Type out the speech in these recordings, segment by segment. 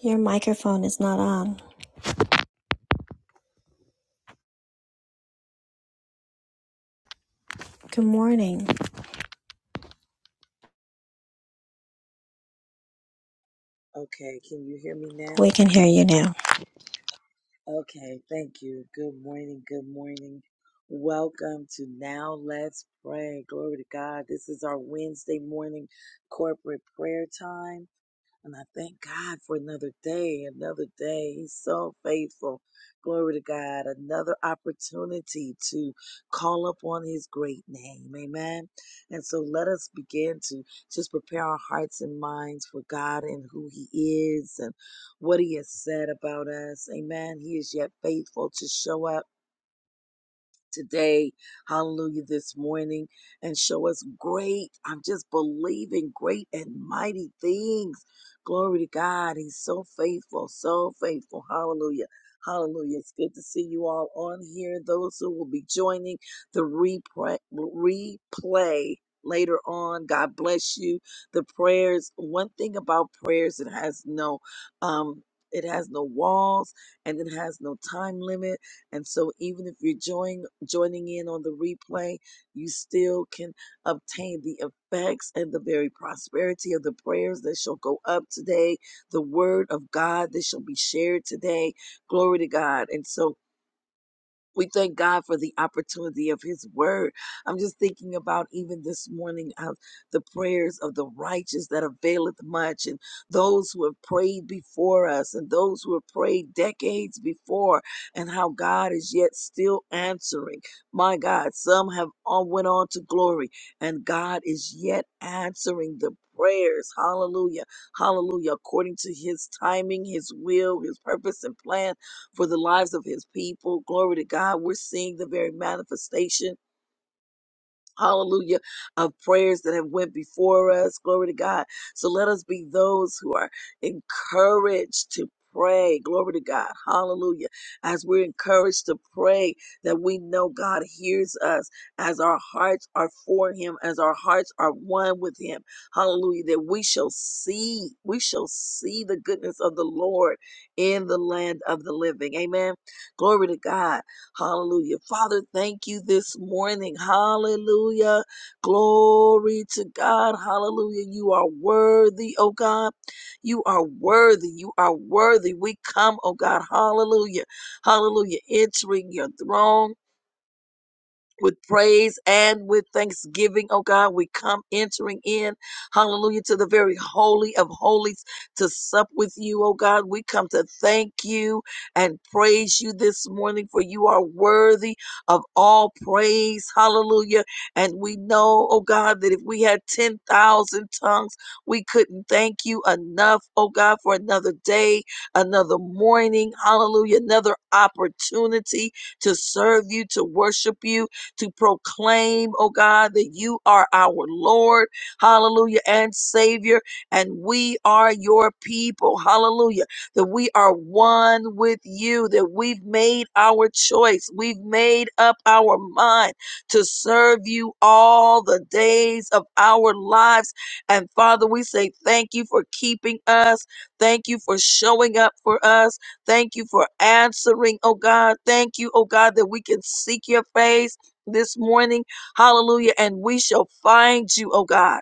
Your microphone is not on. Good morning. Okay, can you hear me We now? can hear you now. Okay, thank you. Good morning. Good morning. Welcome to Now Let's Pray. Glory to God. This is our Wednesday morning corporate prayer time. And I thank God for another day, another day. He's so faithful. Glory to God. Another opportunity to call upon his great name. Amen. And so let us begin to just prepare our hearts and minds for God and who he is and what he has said about us. Amen. He is yet faithful to show up today, hallelujah, this morning, and show us great. I'm just believing great and mighty things. Glory to God. He's so faithful, so faithful. Hallelujah. Hallelujah. It's good to see you all on here. Those who will be joining the replay, replay later on, God bless you. The prayers, one thing about prayers, it has no, um, it has no walls and it has no time limit and so even if you're join joining in on the replay, you still can obtain the effects and the very prosperity of the prayers that shall go up today, the word of God that shall be shared today. Glory to God. And so we thank God for the opportunity of His Word. I'm just thinking about even this morning of the prayers of the righteous that availeth much, and those who have prayed before us, and those who have prayed decades before, and how God is yet still answering. My God, some have all went on to glory, and God is yet answering the prayers. Hallelujah, Hallelujah! According to His timing, His will, His purpose and plan for the lives of his people. Glory to God. We're seeing the very manifestation hallelujah of prayers that have went before us glory to god so let us be those who are encouraged to pray glory to god hallelujah as we're encouraged to pray that we know god hears us as our hearts are for him as our hearts are one with him hallelujah that we shall see we shall see the goodness of the lord in the land of the living amen glory to god Hallelujah. Father, thank you this morning. Hallelujah. Glory to God. Hallelujah. You are worthy, oh God. You are worthy. You are worthy. We come, oh God. Hallelujah. Hallelujah. Entering your throne with praise and with thanksgiving, oh God. We come entering in, hallelujah, to the very holy of holies to sup with you, oh God. We come to thank you and praise you this morning for you are worthy of all praise, hallelujah. And we know, oh God, that if we had 10,000 tongues, we couldn't thank you enough, oh God, for another day, another morning, hallelujah, another opportunity to serve you, to worship you to proclaim, oh God, that you are our Lord, hallelujah, and Savior, and we are your people, hallelujah, that we are one with you, that we've made our choice, we've made up our mind to serve you all the days of our lives. And Father, we say thank you for keeping us. Thank you for showing up for us. Thank you for answering, oh God. Thank you, oh God, that we can seek your face this morning. Hallelujah. And we shall find you, oh God.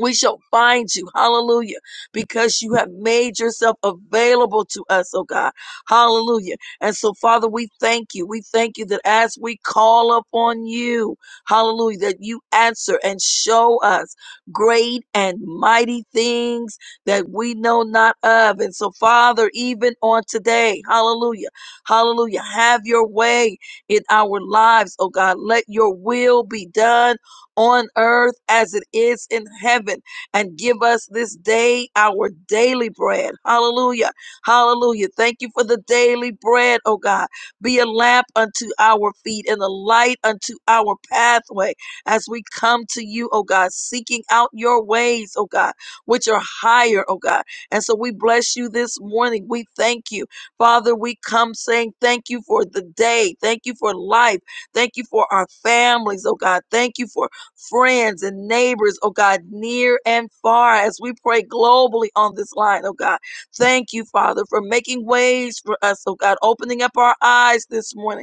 We shall find you. Hallelujah. Because you have made yourself available to us, oh God. Hallelujah. And so, Father, we thank you. We thank you that as we call upon you, hallelujah, that you answer and show us great and mighty things that we know not of. And so, Father, even on today, hallelujah, hallelujah, have your way in our lives, oh God. Let your will be done on earth as it is in heaven. And give us this day our daily bread. Hallelujah. Hallelujah. Thank you for the daily bread, oh God. Be a lamp unto our feet and a light unto our pathway as we come to you, oh God, seeking out your ways, oh God, which are higher, oh God. And so we bless you this morning. We thank you. Father, we come saying thank you for the day. Thank you for life. Thank you for our families, oh God. Thank you for friends and neighbors, oh God, near and far, as we pray globally on this line, oh God. Thank you, Father, for making ways for us, oh God, opening up our eyes this morning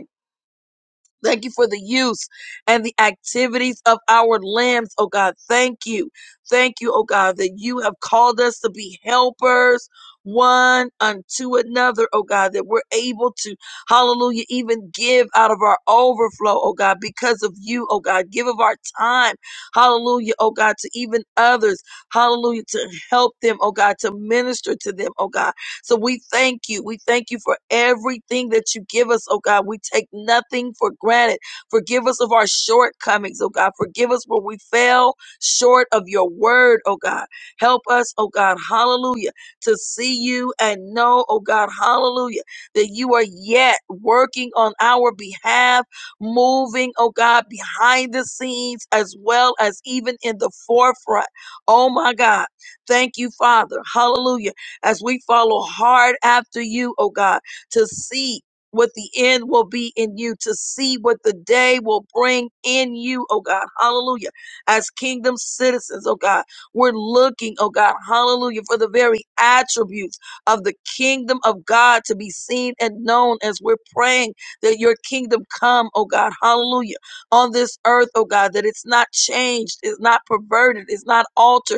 Thank you for the use and the activities of our limbs, oh God. Thank you. Thank you, oh God, that you have called us to be helpers one unto another, oh God, that we're able to, hallelujah, even give out of our overflow, oh God, because of you, oh God. Give of our time, hallelujah, oh God, to even others, hallelujah, to help them, oh God, to minister to them, oh God. So we thank you. We thank you for everything that you give us, oh God. We take nothing for granted. Forgive us of our shortcomings, oh God. Forgive us where we fell short of your word, oh God. Help us, oh God, hallelujah, to see you and know, oh God, hallelujah, that you are yet working on our behalf, moving, oh God, behind the scenes as well as even in the forefront. Oh my God. Thank you, Father. Hallelujah as we follow hard after you, oh God, to see what the end will be in you, to see what the day will bring in you, oh God. Hallelujah. As kingdom citizens, oh God, we're looking, oh God, hallelujah, for the very attributes of the kingdom of God to be seen and known as we're praying that your kingdom come, oh God, hallelujah, on this earth, oh God, that it's not changed, it's not perverted, it's not altered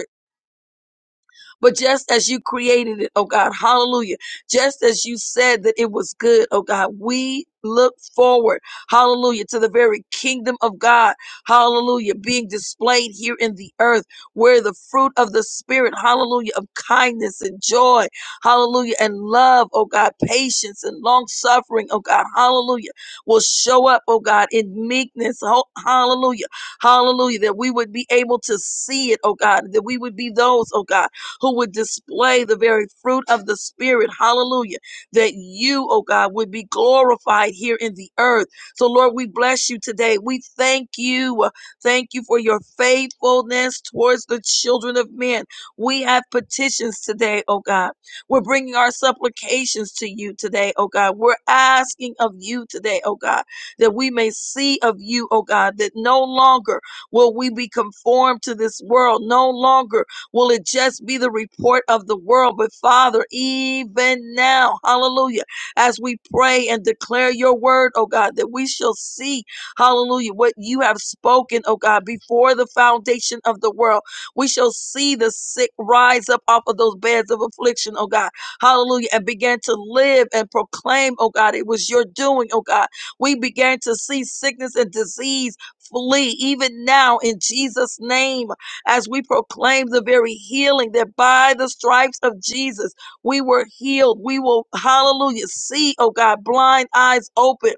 but just as you created it, oh God, hallelujah. Just as you said that it was good, oh God, we look forward, hallelujah, to the very kingdom of God, hallelujah, being displayed here in the earth where the fruit of the spirit, hallelujah, of kindness and joy, hallelujah, and love, oh God, patience and long suffering, oh God, hallelujah, will show up, oh God, in meekness, ho- hallelujah, hallelujah, that we would be able to see it, oh God, that we would be those, oh God who would display the very fruit of the Spirit. Hallelujah. That you, oh God, would be glorified here in the earth. So, Lord, we bless you today. We thank you. Uh, Thank you for your faithfulness towards the children of men. We have petitions today, oh God. We're bringing our supplications to you today, oh God. We're asking of you today, oh God, that we may see of you, oh God, that no longer will we be conformed to this world. No longer Will it just be the report of the world? But Father, even now, hallelujah, as we pray and declare your word, oh God, that we shall see, hallelujah, what you have spoken, oh God, before the foundation of the world. We shall see the sick rise up off of those beds of affliction, oh God, hallelujah, and begin to live and proclaim, oh God, it was your doing, oh God. We began to see sickness and disease flee even now in Jesus' name as we proclaim the very healing that by the stripes of Jesus we were healed. We will, hallelujah, see, oh God, blind eyes open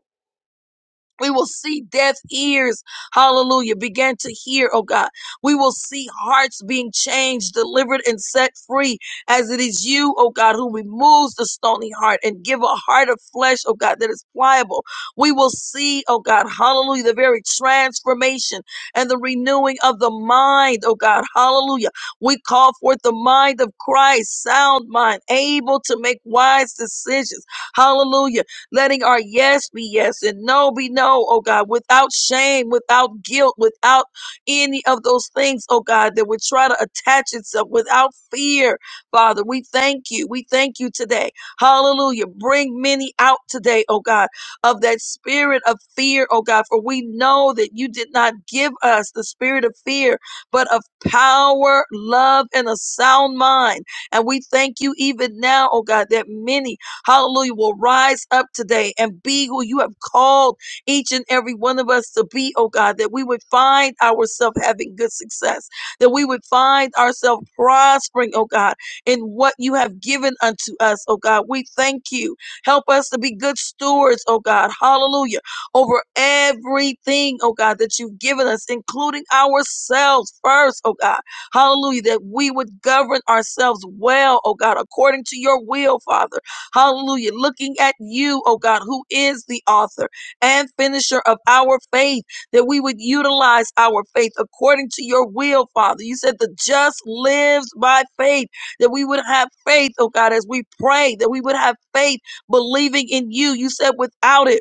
we will see deaf ears, hallelujah, begin to hear, oh God. We will see hearts being changed, delivered, and set free as it is you, oh God, who removes the stony heart and give a heart of flesh, oh God, that is pliable. We will see, oh God, hallelujah, the very transformation and the renewing of the mind, oh God, hallelujah. We call forth the mind of Christ, sound mind, able to make wise decisions, hallelujah letting our yes be yes and no be no, oh God, without shame, without guilt, without any of those things, oh God, that would try to attach itself without fear, Father. We thank you. We thank you today. Hallelujah. Bring many out today, oh God, of that spirit of fear, oh God, for we know that you did not give us the spirit of fear, but of power, love, and a sound mind. And we thank you even now, oh God, that many hallelujah, will rise up today and be who you have called each and every one of us to be, oh God, that we would find ourselves having good success, that we would find ourselves prospering, oh God, in what you have given unto us, oh God. We thank you. Help us to be good stewards, oh God, hallelujah, over everything, oh God, that you've given us, including ourselves first, oh God, hallelujah, that we would govern ourselves well, oh God, according to your will, Father. Hallelujah. Looking at you, oh God, who is the author and finisher of our faith, that we would utilize our faith according to your will, Father. You said the just lives by faith, that we would have faith, oh God, as we pray, that we would have faith believing in you. You said without it,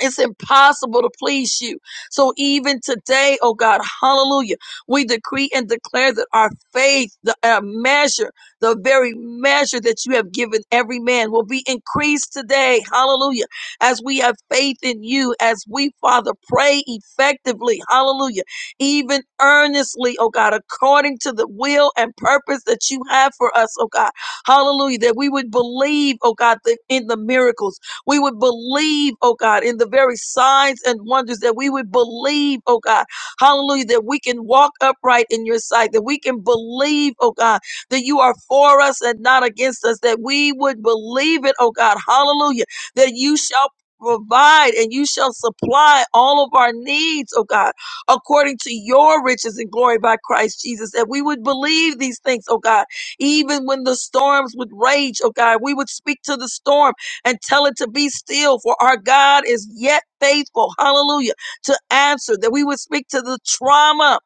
it's impossible to please you. So even today, oh God, hallelujah, we decree and declare that our faith, the uh, measure, the very measure that you have given every man will be increased today. Hallelujah. As we have faith in you, as we, Father, pray effectively. Hallelujah. Even earnestly, oh God, according to the will and purpose that you have for us, oh God. Hallelujah. That we would believe, oh God, that in the miracles we would believe, oh God, in the very signs and wonders that we would believe, oh God, hallelujah, that we can walk upright in your sight, that we can believe, oh God, that you are for us and not against us, that we would believe it, oh God, hallelujah, that you shall provide and you shall supply all of our needs, oh God, according to your riches and glory by Christ Jesus, that we would believe these things, oh God, even when the storms would rage, oh God, we would speak to the storm and tell it to be still, for our God is yet faithful. Hallelujah. To answer, that we would speak to the trauma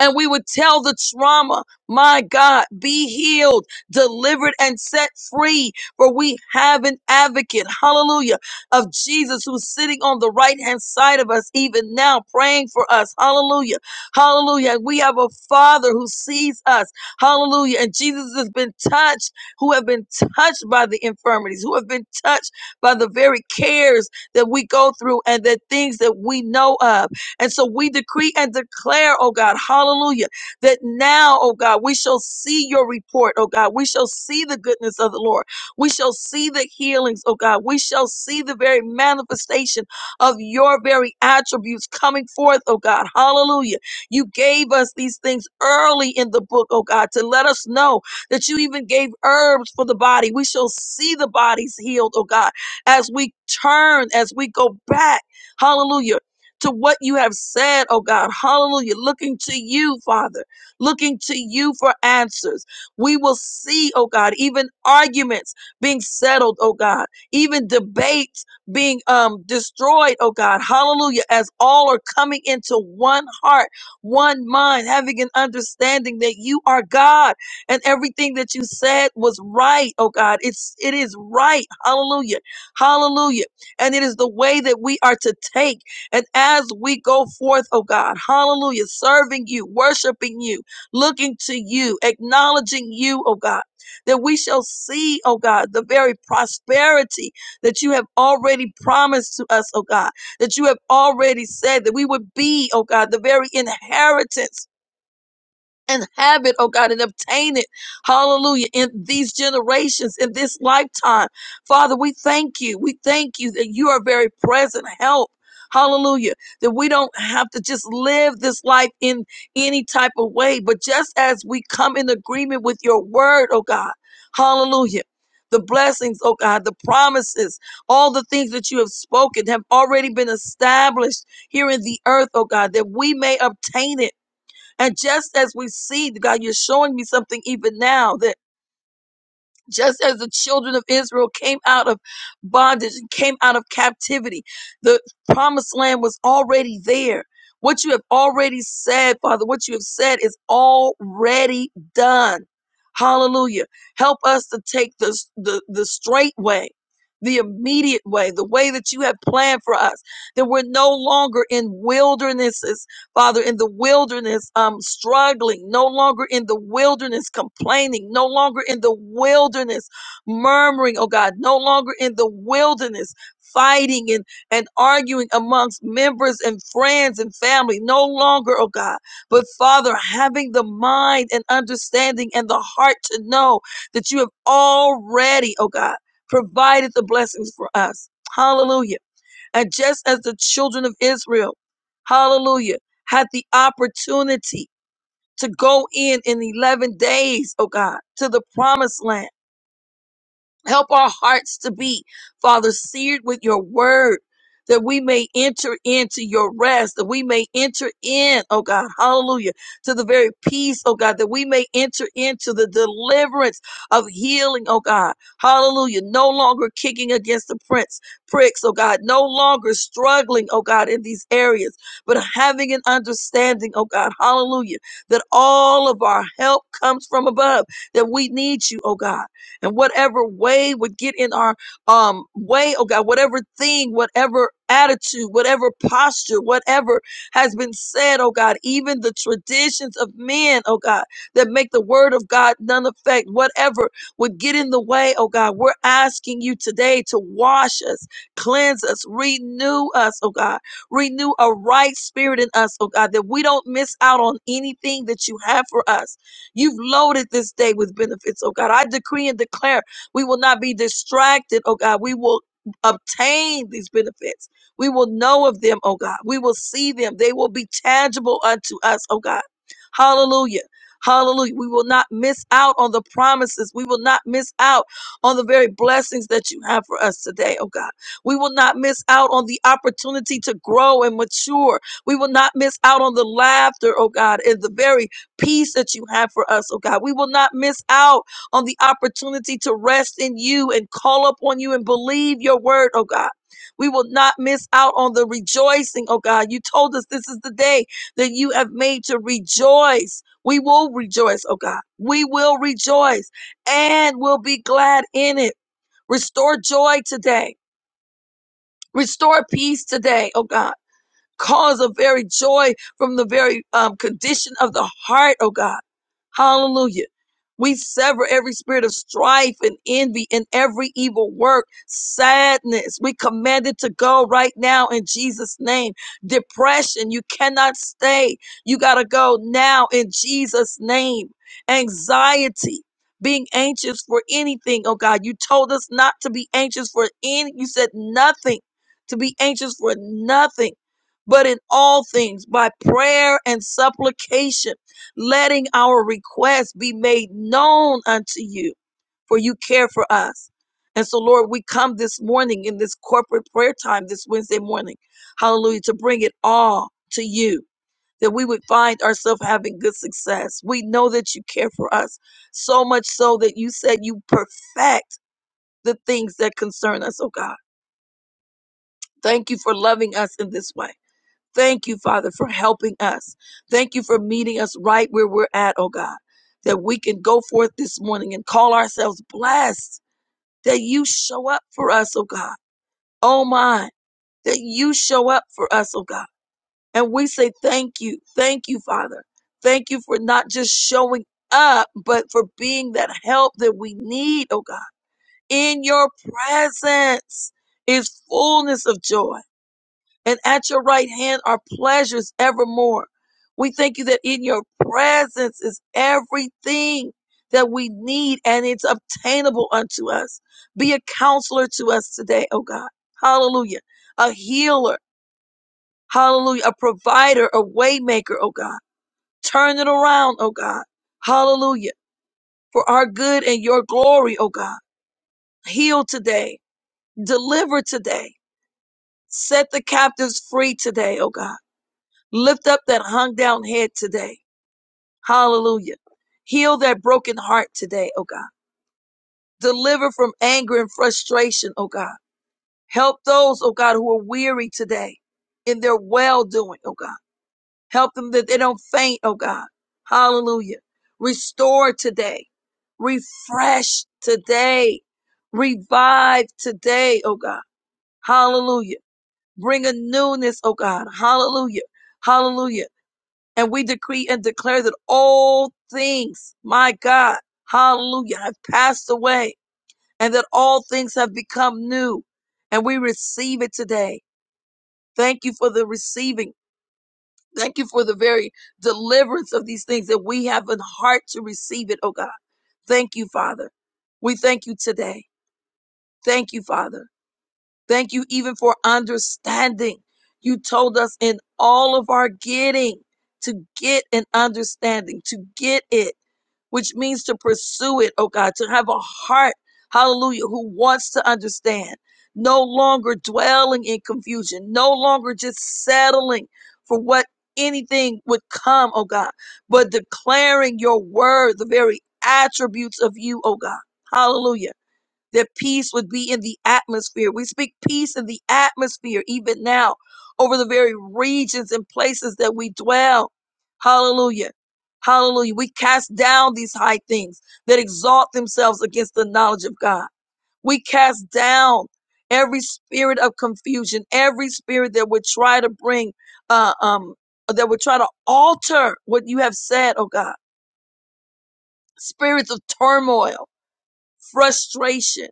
and we would tell the trauma, my God, be healed, delivered, and set free. For we have an advocate, hallelujah, of Jesus who's sitting on the right hand side of us, even now, praying for us, hallelujah, hallelujah. And we have a Father who sees us, hallelujah. And Jesus has been touched, who have been touched by the infirmities, who have been touched by the very cares that we go through and the things that we know of. And so we decree and declare, oh God, hallelujah, that now, oh God, we shall see your report, oh God. We shall see the goodness of the Lord. We shall see the healings, oh God. We shall see the very manifestation of your very attributes coming forth, oh God. Hallelujah. You gave us these things early in the book, oh God, to let us know that you even gave herbs for the body. We shall see the bodies healed, oh God, as we turn, as we go back. Hallelujah to what you have said, oh God. Hallelujah. Looking to you, Father, looking to you for answers. We will see, oh God, even arguments being settled, oh God, even debates being um, destroyed, oh God. Hallelujah. As all are coming into one heart, one mind, having an understanding that you are God and everything that you said was right, oh God. It's it is right. Hallelujah. Hallelujah. And it is the way that we are to take. And as we go forth, oh God, hallelujah, serving you, worshiping you, looking to you, acknowledging you, oh God, that we shall see, oh God, the very prosperity that you have already promised to us, oh God, that you have already said that we would be, oh God, the very inheritance and have it, oh God, and obtain it. Hallelujah. In these generations, in this lifetime. Father, we thank you. We thank you that you are very present help. Hallelujah. That we don't have to just live this life in any type of way, but just as we come in agreement with your word, oh God. Hallelujah. The blessings, oh God, the promises, all the things that you have spoken have already been established here in the earth, oh God, that we may obtain it and just as we see, God, you're showing me something even now that just as the children of Israel came out of bondage and came out of captivity, the promised land was already there. What you have already said, Father, what you have said is already done. Hallelujah. Help us to take the, the, the straight way, the immediate way, the way that you have planned for us, that we're no longer in wildernesses Father, in the wilderness, um, struggling, no longer in the wilderness, complaining, no longer in the wilderness, murmuring, oh God, no longer in the wilderness, fighting and, and arguing amongst members and friends and family, no longer, oh God, but Father, having the mind and understanding and the heart to know that you have already, oh God, provided the blessings for us. Hallelujah. And just as the children of Israel, hallelujah, had the opportunity to go in in 11 days, oh God, to the promised land Help our hearts to be, Father, seared with your word, that we may enter into your rest, that we may enter in, oh God, hallelujah, to the very peace, oh God, that we may enter into the deliverance of healing, oh God, hallelujah. No longer kicking against the prince, pricks, oh God, no longer struggling, oh God, in these areas, but having an understanding, oh God, hallelujah, that all of our help comes from above, that we need you, oh God. And whatever way would get in our um way, oh God, whatever thing, whatever attitude, whatever posture, whatever has been said, oh God, even the traditions of men, oh God, that make the word of God none effect, whatever would get in the way, oh God, we're asking you today to wash us, cleanse us, renew us, oh God, renew a right spirit in us, oh God, that we don't miss out on anything that you have for us You've loaded this day with benefits, oh God. I decree and declare we will not be distracted, oh God. We will obtain these benefits. We will know of them, oh God. We will see them. They will be tangible unto us, oh God. Hallelujah. Hallelujah. We will not miss out on the promises. We will not miss out on the very blessings that you have for us today, oh God. We will not miss out on the opportunity to grow and mature. We will not miss out on the laughter, oh God, and the very peace that you have for us, oh God. We will not miss out on the opportunity to rest in you and call upon you and believe your word, oh God. We will not miss out on the rejoicing, oh God. You told us this is the day that you have made to rejoice. We will rejoice, oh God. We will rejoice and will be glad in it. Restore joy today. Restore peace today, oh God cause of very joy from the very um, condition of the heart, oh God. Hallelujah. We sever every spirit of strife and envy and every evil work, sadness. We command it to go right now in Jesus' name. Depression, you cannot stay. You got to go now in Jesus' name. Anxiety, being anxious for anything. Oh God, you told us not to be anxious for any. You said nothing, to be anxious for nothing but in all things by prayer and supplication, letting our requests be made known unto you, for you care for us. And so, Lord, we come this morning in this corporate prayer time this Wednesday morning, hallelujah, to bring it all to you, that we would find ourselves having good success. We know that you care for us, so much so that you said you perfect the things that concern us, oh God. Thank you for loving us in this way. Thank you, Father, for helping us. Thank you for meeting us right where we're at, oh God, that we can go forth this morning and call ourselves blessed, that you show up for us, oh God. Oh my, that you show up for us, oh God. And we say thank you. Thank you, Father. Thank you for not just showing up, but for being that help that we need, oh God. In your presence is fullness of joy and at your right hand are pleasures evermore. We thank you that in your presence is everything that we need and it's obtainable unto us. Be a counselor to us today, oh God. Hallelujah. A healer. Hallelujah. A provider, a waymaker, oh God. Turn it around, oh God. Hallelujah. For our good and your glory, oh God. Heal today. Deliver today. Set the captives free today, oh God Lift up that hung down head today. Hallelujah. Heal that broken heart today, oh God. Deliver from anger and frustration, oh God. Help those, oh God, who are weary today in their well doing, oh God. Help them that they don't faint, oh God. Hallelujah. Restore today. Refresh today. Revive today, oh God. Hallelujah. Bring a newness, oh God. Hallelujah. Hallelujah. And we decree and declare that all things, my God, hallelujah, have passed away and that all things have become new. And we receive it today. Thank you for the receiving. Thank you for the very deliverance of these things that we have a heart to receive it, oh God. Thank you, Father. We thank you today. Thank you, Father. Thank you even for understanding. You told us in all of our getting to get an understanding, to get it, which means to pursue it, oh God, to have a heart, hallelujah, who wants to understand, no longer dwelling in confusion, no longer just settling for what anything would come, oh God, but declaring your word, the very attributes of you, oh God. Hallelujah that peace would be in the atmosphere. We speak peace in the atmosphere even now over the very regions and places that we dwell. Hallelujah. Hallelujah. We cast down these high things that exalt themselves against the knowledge of God. We cast down every spirit of confusion, every spirit that would try to bring, uh, um, that would try to alter what you have said, oh God. Spirits of turmoil, frustration,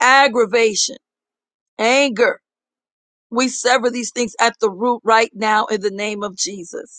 aggravation anger. We sever these things at the root right now in the name of Jesus.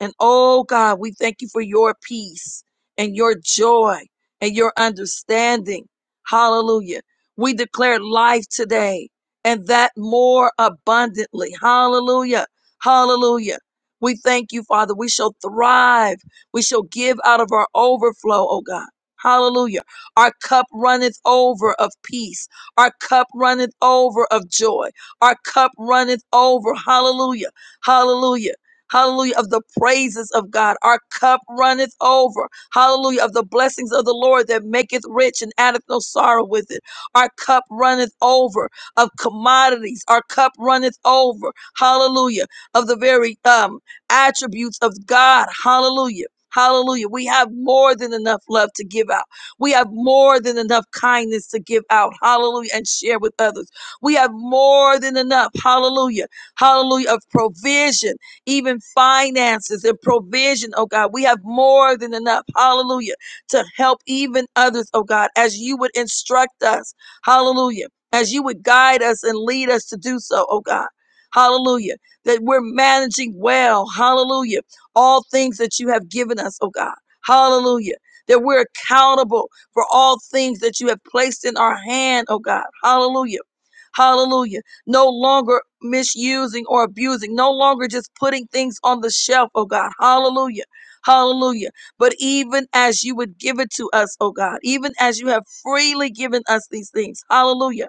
And oh God, we thank you for your peace and your joy and your understanding. Hallelujah. We declare life today and that more abundantly. Hallelujah. Hallelujah. We thank you, Father. We shall thrive. We shall give out of our overflow, oh God. Hallelujah. Our cup runneth over of peace. Our cup runneth over of joy. Our cup runneth over. Hallelujah. Hallelujah Hallelujah. Of the praises of God. Our cup runneth over. Hallelujah. Of the blessings of the Lord that maketh rich and addeth no sorrow with it. Our cup runneth over. Of commodities. Our cup runneth over. Hallelujah. Of the very um attributes of God. Hallelujah. Hallelujah. We have more than enough love to give out. We have more than enough kindness to give out. Hallelujah. And share with others. We have more than enough. Hallelujah. Hallelujah. Of provision even finances and provision, oh God. We have more than enough, hallelujah, to help even others, oh God, as you would instruct us, hallelujah, as you would guide us and lead us to do so, oh God. Hallelujah. That we're managing well. Hallelujah. All things that you have given us, oh God. Hallelujah. That we're accountable for all things that you have placed in our hand, oh God. Hallelujah. Hallelujah no longer misusing or abusing, no longer just putting things on the shelf, oh God. Hallelujah. Hallelujah. But even as you would give it to us, oh God, even as you have freely given us these things, hallelujah.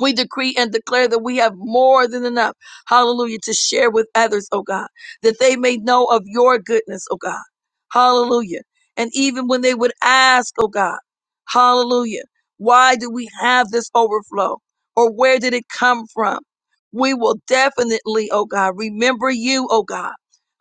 We decree and declare that we have more than enough, hallelujah, to share with others, oh God, that they may know of your goodness, oh God, hallelujah. And even when they would ask, oh God, hallelujah, why do we have this overflow or where did it come from? We will definitely, oh God, remember you, oh God.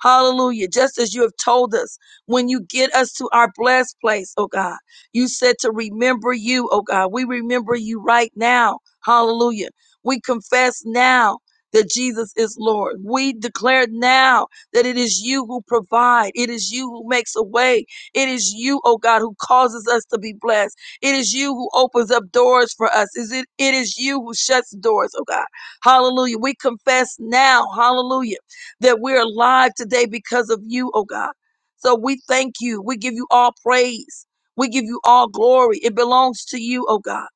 Hallelujah. Just as you have told us, when you get us to our blessed place, oh God. You said to remember you, oh God. We remember you right now. Hallelujah. We confess now that Jesus is Lord. We declare now that it is you who provide. It is you who makes a way. It is you, oh God, who causes us to be blessed. It is you who opens up doors for us. Is it it is you who shuts doors, oh God. Hallelujah. We confess now, hallelujah, that we're alive today because of you, oh God. So we thank you. We give you all praise. We give you all glory. It belongs to you, oh God.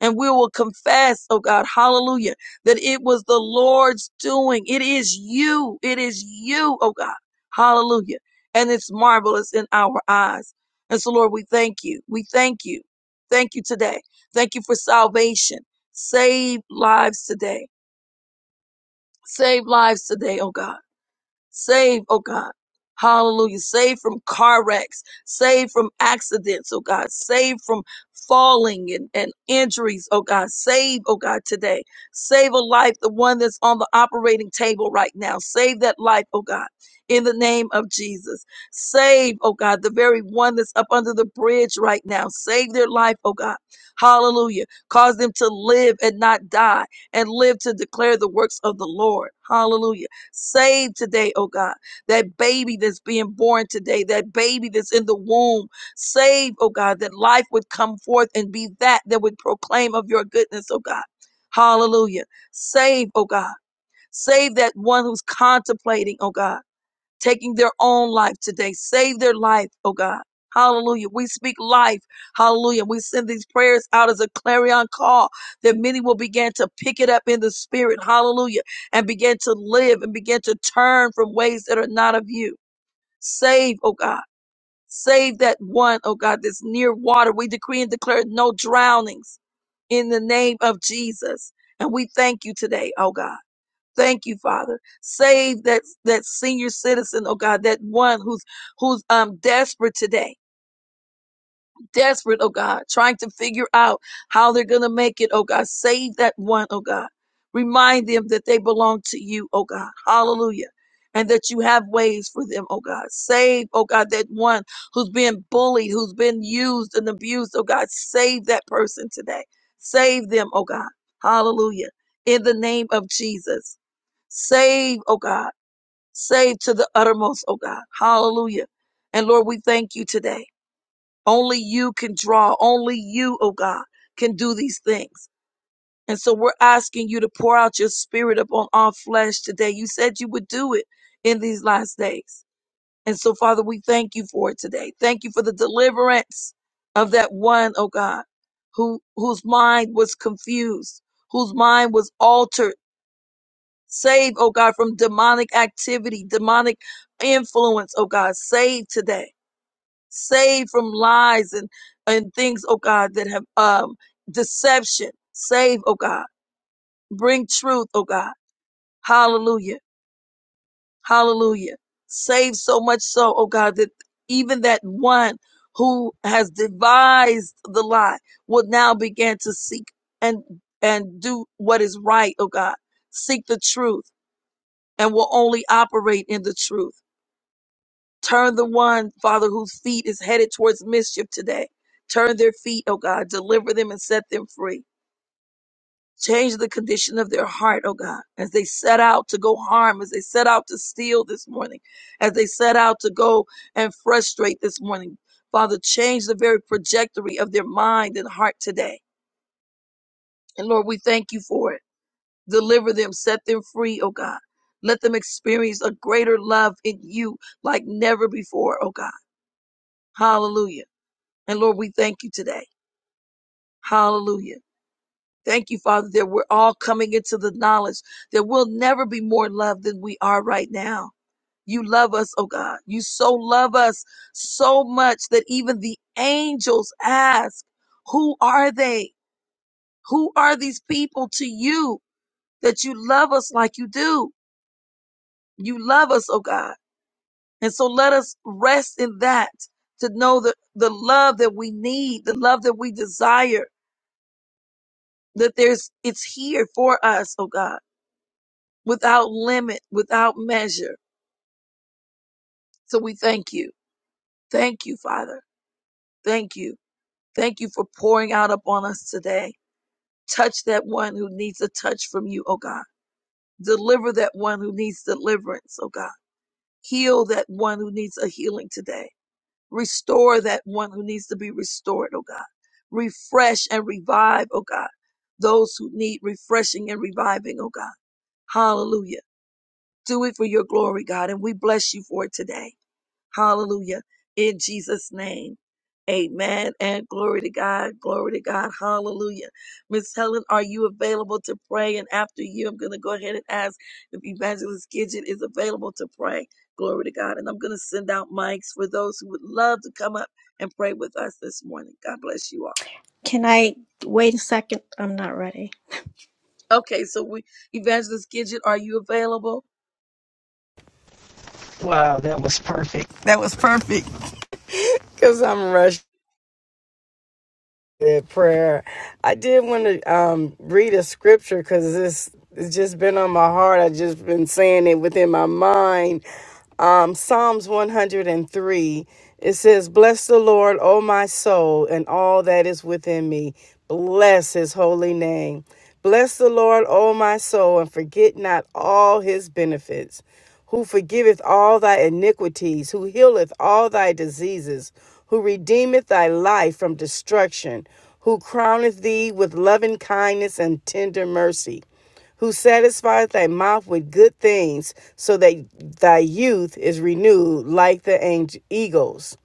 And we will confess, oh God, hallelujah, that it was the Lord's doing. It is you. It is you, oh God. Hallelujah. And it's marvelous in our eyes. And so, Lord, we thank you. We thank you. Thank you today. Thank you for salvation. Save lives today. Save lives today, oh God. Save, oh God. Hallelujah. Save from car wrecks. Save from accidents, oh God. Save from falling and, and injuries, oh God. Save, oh God, today. Save a life, the one that's on the operating table right now. Save that life, oh God, in the name of Jesus. Save, oh God, the very one that's up under the bridge right now. Save their life, oh God. Hallelujah. Cause them to live and not die and live to declare the works of the Lord. Hallelujah. Save today, oh God, that baby that's being born today, that baby that's in the womb. Save, oh God, that life would come forth and be that that would proclaim of your goodness, oh God. Hallelujah. Save, oh God. Save that one who's contemplating, oh God taking their own life today. Save their life, oh God. Hallelujah. We speak life. Hallelujah. We send these prayers out as a clarion call that many will begin to pick it up in the spirit. Hallelujah. And begin to live and begin to turn from ways that are not of you. Save, oh God. Save that one, oh God, that's near water. We decree and declare no drownings in the name of Jesus. And we thank you today, oh God. Thank you, Father. Save that that senior citizen, oh God, that one who's who's um desperate today, desperate, oh God, trying to figure out how they're gonna make it, oh God. Save that one, oh God. Remind them that they belong to you, oh God. Hallelujah. And that you have ways for them, oh God. Save, oh God, that one who's been bullied, who's been used and abused, oh God. Save that person today. Save them, oh God. Hallelujah. In the name of Jesus. Save, oh God. Save to the uttermost, oh God. Hallelujah. And Lord, we thank you today. Only you can draw. Only you, oh God, can do these things. And so we're asking you to pour out your spirit upon our flesh today. You said you would do it in these last days. And so, Father, we thank you for it today. Thank you for the deliverance of that one, oh God, who, whose mind was confused, whose mind was altered Save, oh God, from demonic activity, demonic influence, oh God. Save today. Save from lies and, and things, oh God, that have um deception. Save, oh God. Bring truth, oh God. Hallelujah. Hallelujah. Save so much so, oh God, that even that one who has devised the lie will now begin to seek and and do what is right, oh God. Seek the truth and will only operate in the truth. Turn the one, Father, whose feet is headed towards mischief today. Turn their feet, oh God. Deliver them and set them free. Change the condition of their heart, oh God, as they set out to go harm, as they set out to steal this morning, as they set out to go and frustrate this morning. Father, change the very trajectory of their mind and heart today. And Lord, we thank you for it. Deliver them, set them free, oh God. Let them experience a greater love in you like never before, oh God. Hallelujah. And Lord, we thank you today. Hallelujah. Thank you, Father, that we're all coming into the knowledge that we'll never be more loved than we are right now. You love us, oh God. You so love us so much that even the angels ask, Who are they? Who are these people to you that you love us like you do? You love us, oh God. And so let us rest in that to know that the love that we need, the love that we desire, that there's, it's here for us, oh God, without limit, without measure. So we thank you. Thank you, Father. Thank you. Thank you for pouring out upon us today. Touch that one who needs a touch from you, oh God. Deliver that one who needs deliverance, oh God. Heal that one who needs a healing today. Restore that one who needs to be restored, oh God. Refresh and revive, oh God, those who need refreshing and reviving, oh God. Hallelujah. Do it for your glory, God, and we bless you for it today. Hallelujah. In Jesus' name. Amen. And glory to God. Glory to God. Hallelujah. Miss Helen, are you available to pray? And after you, I'm going to go ahead and ask if Evangelist Gidget is available to pray. Glory to God. And I'm going to send out mics for those who would love to come up and pray with us this morning. God bless you Can I wait a second? I'm not ready. all. Okay. So we, Evangelist Gidget, are you available? Wow, that was perfect. That was perfect. Because I'm rushed at prayer. I did want to um, read a scripture because this it's just been on my heart. I have just been saying it within my mind um, Psalms 103. It says, Bless the Lord, O my soul, and all that is within me. Bless his holy name. Bless the Lord, O my soul, and forget not all his benefits, who forgiveth all thy iniquities, who healeth all thy diseases, who redeemeth thy life from destruction, who crowneth thee with loving kindness and tender mercy who satisfieth thy mouth with good things, so that thy youth is renewed like the eagles.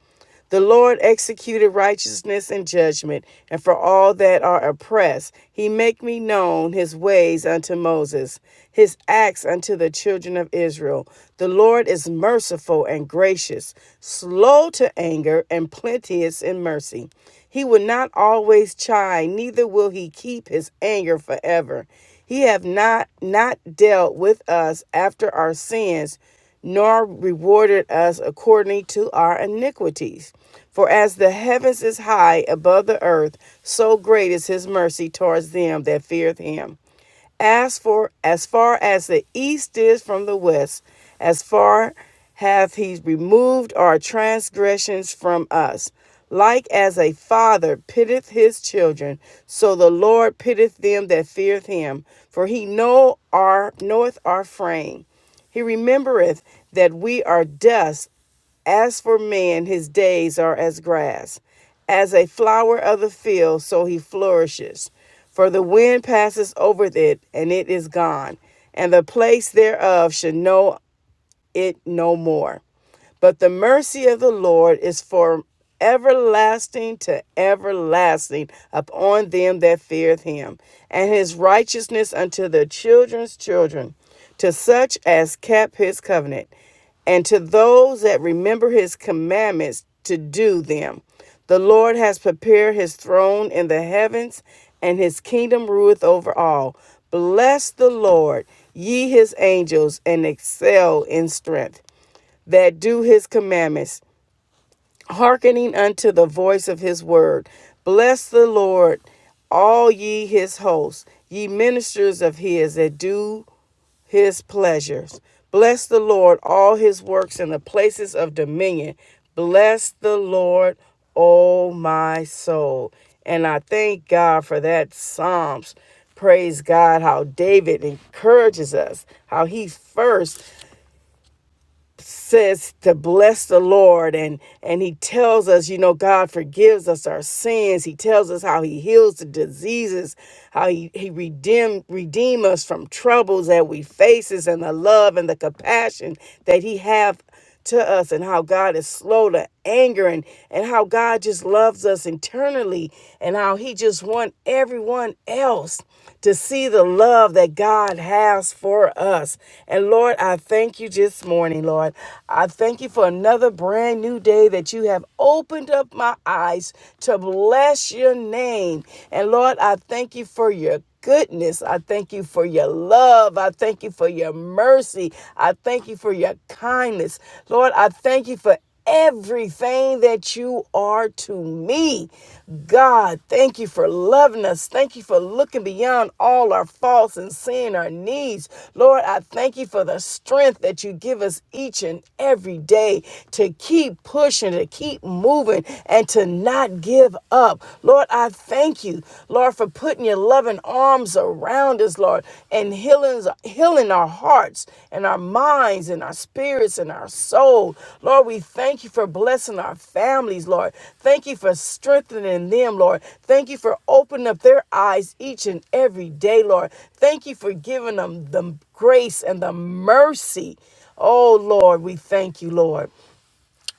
The Lord executed righteousness and judgment, and for all that are oppressed, he make me known his ways unto Moses, his acts unto the children of Israel. The Lord is merciful and gracious, slow to anger, and plenteous in mercy. He will not always chide, neither will he keep his anger forever. He have not not dealt with us after our sins, nor rewarded us according to our iniquities. For as the heavens is high above the earth, so great is his mercy towards them that feareth him. As for as far as the east is from the west, as far hath he removed our transgressions from us. Like as a father pitteth his children, so the Lord pitteth them that feareth him, for he know our knoweth our frame. He remembereth that we are dust, as for man, his days are as grass, as a flower of the field, so he flourishes. For the wind passes over it, and it is gone, and the place thereof shall know it no more. But the mercy of the Lord is for everlasting to everlasting upon them that feareth him, and his righteousness unto their children's children, to such as kept his covenant, and to those that remember his commandments to do them. The Lord has prepared his throne in the heavens, and his kingdom ruleth over all. Bless the Lord, ye his angels, and excel in strength that do his commandments, hearkening unto the voice of his word. Bless the Lord, all ye his hosts, ye ministers of his that do his pleasures. Bless the Lord, all his works in the places of dominion. Bless the Lord, O my soul. And I thank God for that Psalms. Praise God how David encourages us, how he first says to bless the Lord and and he tells us, you know, God forgives us our sins. He tells us how he heals the diseases, how he, he redeem redeem us from troubles that we faces and the love and the compassion that he have to us and how God is slow to anger and, and how God just loves us internally and how he just wants everyone else to see the love that God has for us. And Lord, I thank you this morning, Lord. I thank you for another brand new day that you have opened up my eyes to bless your name. And Lord, I thank you for your goodness. I thank you for your love. I thank you for your mercy. I thank you for your kindness. Lord, I thank you for everything that you are to me. God, thank you for loving us. Thank you for looking beyond all our faults and seeing our needs. Lord, I thank you for the strength that you give us each and every day to keep pushing, to keep moving, and to not give give up. Lord, I thank you, Lord, for putting your loving arms around us, Lord, and healing, healing our hearts and our minds and our spirits and our soul. Lord, we thank you for blessing our families, Lord. Thank you for strengthening them, Lord. Thank you for opening up their eyes each and every day, Lord. Thank you for giving them the grace and the mercy. Oh, Lord, we thank you, Lord.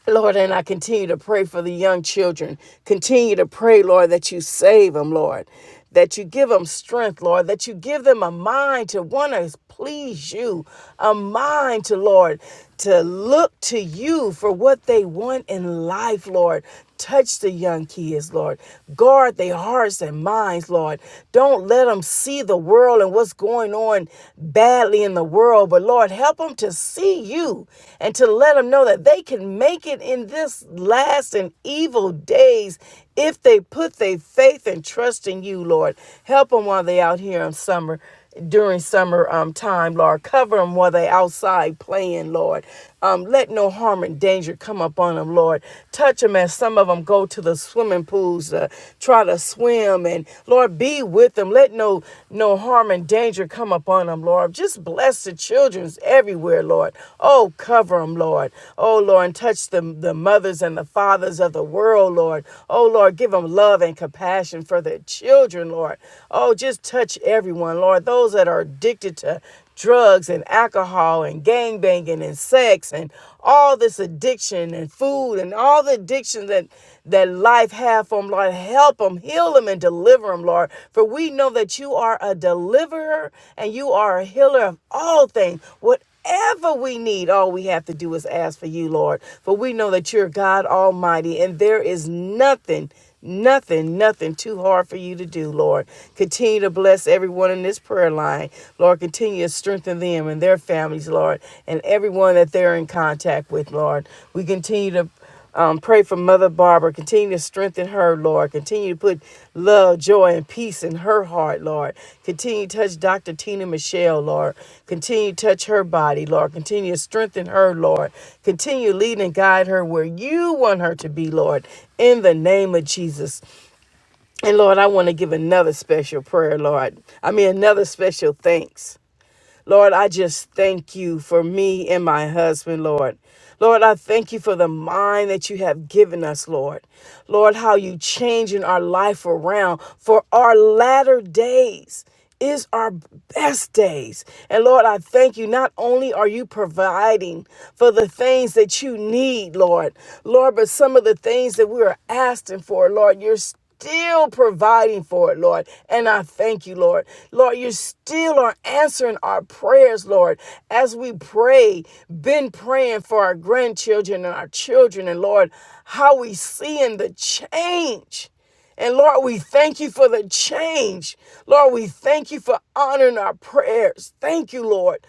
Lord, and I continue to pray for the young children. Continue to pray, Lord, that you save them, Lord, that you give them strength, Lord, that you give them a mind to want to please you, a mind to, Lord, to look to you for what they want in life, Lord. Touch the young kids, Lord. Guard their hearts and minds, Lord. Don't let them see the world and what's going on bad badly in the world, but Lord, help them to see you and to let them know that they can make it in this last and evil days if they put their faith and trust in you, Lord. Help them while they out here in summer during summer um, time, Lord. Cover them while they outside playing, Lord. Um, let no harm and danger come upon them, Lord. Touch them as some of them go to the swimming pools, to try to swim, and Lord, be with them. Let no no harm and danger come upon them, Lord. Just bless the childrens everywhere, Lord. Oh, cover them, Lord. Oh, Lord, and touch the the mothers and the fathers of the world, Lord. Oh, Lord, give them love and compassion for their children, Lord. Oh, just touch everyone, Lord. Those that are addicted to drugs and alcohol and gang banging and sex and all this addiction and food and all the addictions that that life have for them, Lord. Help them, heal them, and deliver them, Lord. For we know that you are a deliverer and you are a healer of all things. What Whatever we need, all we have to do is ask for you, Lord. For we know that you're God Almighty and there is nothing Nothing, nothing too hard for you to do, Lord. Continue to bless everyone in this prayer line. Lord, continue to strengthen them and their families, Lord, and everyone that they're in contact with, Lord. We continue to um, pray for Mother Barbara. Continue to strengthen her, Lord. Lord. Continue to put love, joy, and peace in her heart, Lord. Continue to touch Dr. Tina Michelle, Lord. Continue to touch her body, Lord. Continue to strengthen her, Lord. Continue to lead and guide her where you want her to be, Lord, in the name of Jesus. And Lord, I want to give another special prayer, Lord. I mean, another special thanks. Lord, I just thank you for me and my husband, Lord. Lord, I thank you for the mind that you have given us, Lord. Lord, how you changing our life around for our latter days is our best days. And Lord, I thank you. Not only are you providing for the things that you need, Lord, Lord, but some of the things that we are asking for, Lord, you're still providing for it, Lord. And I thank you, Lord. Lord, you still are answering our prayers, Lord, as we pray, been praying for our grandchildren and our children, and Lord, how we seeing the change. And Lord, we thank you for the change. Lord, we thank you for honoring our prayers. Thank you, Lord.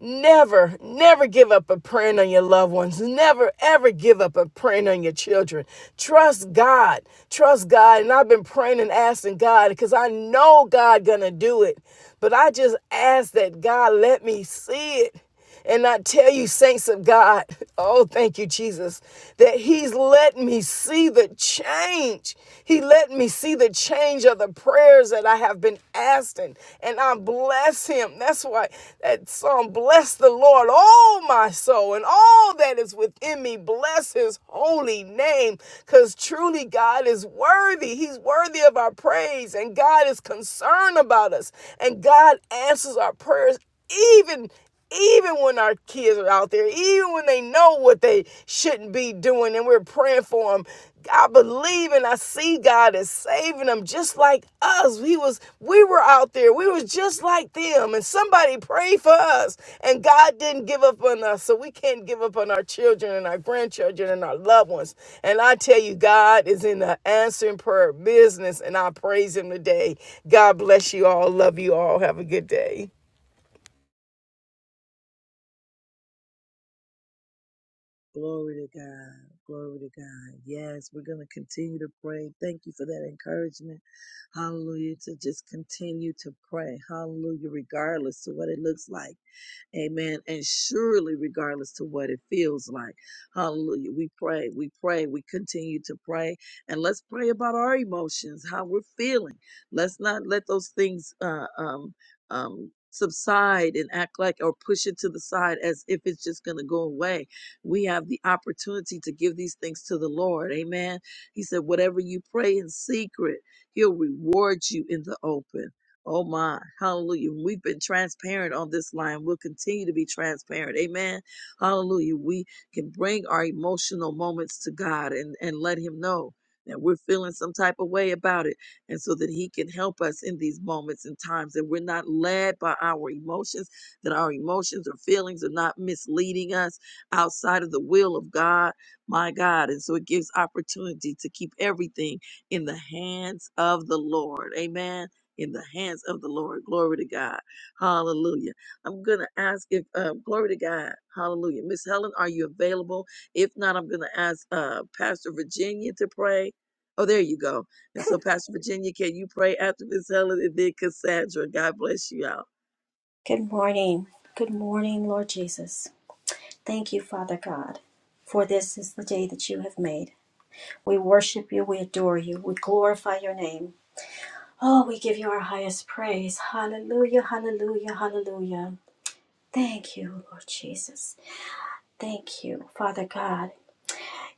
Never, never give up a praying on your loved ones. Never, ever give up a praying on your children. Trust God. Trust God. And I've been praying and asking God because I know God gonna do it. But I just ask that God let me see it. And I tell you, saints of God, oh, thank you, Jesus, that He's let me see the change. He let me see the change of the prayers that I have been asking. And I bless Him. That's why that song, Bless the Lord, all my soul, and all that is within me, bless His holy name. Because truly, God is worthy. He's worthy of our praise. And God is concerned about us. And God answers our prayers even even when our kids are out there, even when they know what they shouldn't be doing and we're praying for them, I believe and I see God is saving them just like us. We was we were out there. We was just like them and somebody prayed for us and God didn't give up on us. So we can't give up on our children and our grandchildren and our loved ones. And I tell you God is in the answering prayer business and I praise him today. God bless you all. Love you all. Have a good day. Glory to God. Glory to God. Yes, we're going to continue to pray. Thank you for that encouragement. Hallelujah. To just continue to pray. Hallelujah. Regardless of what it looks like. Amen. And surely, regardless to what it feels like, hallelujah, we pray, we pray, we continue to pray. And let's pray about our emotions, how we're feeling. Let's not let those things uh, um, um, subside and act like or push it to the side as if it's just going to go away. We have the opportunity to give these things to the Lord. Amen. He said, whatever you pray in secret, He'll reward you in the open. Oh my, hallelujah. We've been transparent on this line. We'll continue to be transparent. Amen. Hallelujah. We can bring our emotional moments to God and, and let Him know that we're feeling some type of way about it. And so that He can help us in these moments and times that we're not led by our emotions, that our emotions or feelings are not misleading us outside of the will of God, my God. And so it gives opportunity to keep everything in the hands of the Lord. Amen in the hands of the Lord. Glory to God. Hallelujah. I'm going to ask if, uh, glory to God. Hallelujah. Miss Helen, are you available? If not, I'm going to ask uh, Pastor Virginia to pray. Oh, there you go. And so, Pastor Virginia, can you pray after Miss Helen and then Cassandra? God bless you all. Good morning. Good morning, Lord Jesus. Thank you, Father God, for this is the day that you have made. We worship you, we adore you, we glorify your name. Oh, we give you our highest praise. Hallelujah, hallelujah, hallelujah. Thank you, Lord Jesus. Thank you, Father God.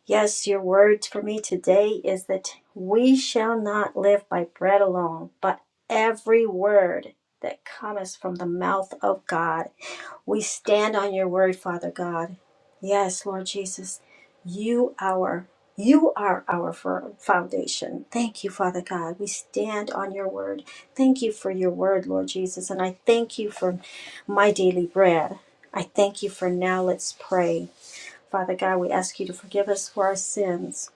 Yes, your word for me today is that we shall not live by bread alone, but every word that cometh from the mouth of God. We stand on your word, Father God. Yes, Lord Jesus, you our you are our fir- foundation. Thank you, Father God. We stand on your word. Thank you for your word, Lord Jesus, and I thank you for my daily bread. I thank you for now. Let's pray. Father God, we ask you to forgive us for our sins,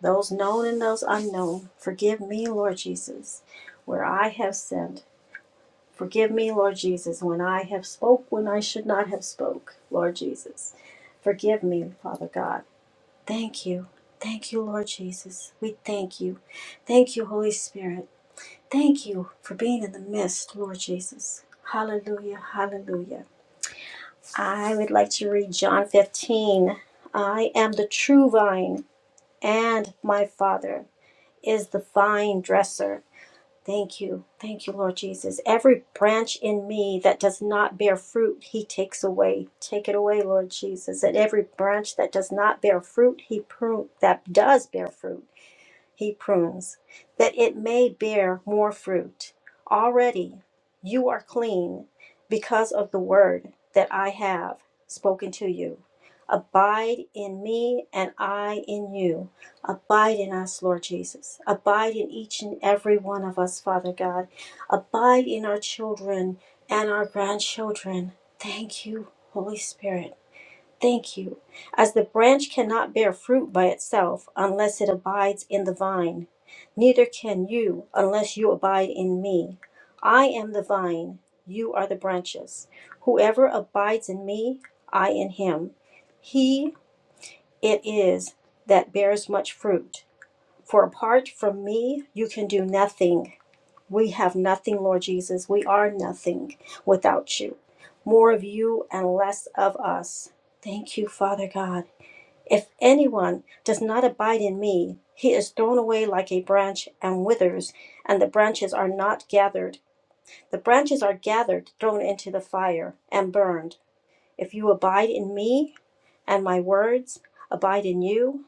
those known and those unknown. Forgive me, Lord Jesus, where I have sinned. Forgive me, Lord Jesus, when I have spoke when I should not have spoke, Lord Jesus. Forgive me, Father God. Thank you. Thank you, Lord Jesus. We thank you. Thank you, Holy Spirit. Thank you for being in the midst, Lord Jesus. Hallelujah. Hallelujah. I would like to read John 15. I am the true vine and my Father is the vine dresser. Thank you. Thank you, Lord Jesus. Every branch in me that does not bear fruit, He takes away. Take it away, Lord Jesus. And every branch that does not bear fruit, He prune that does bear fruit he prunes, that it may bear more fruit. Already you are clean because of the word that I have spoken to you. Abide in me and I in you. Abide in us, Lord Jesus. Abide in each and every one of us, Father God. Abide in our children and our grandchildren. Thank you, Holy Spirit. Thank you. As the branch cannot bear fruit by itself unless it abides in the vine, neither can you unless you abide in me. I am the vine, you are the branches. Whoever abides in me, I in him. He it is that bears much fruit. For apart from me, you can do nothing. We have nothing, Lord Jesus. We are nothing without you. More of you and less of us. Thank you, Father God. If anyone does not abide in me, he is thrown away like a branch and withers, and the branches are not gathered. The branches are gathered, thrown into the fire, and burned. If you abide in me, and my words abide in you,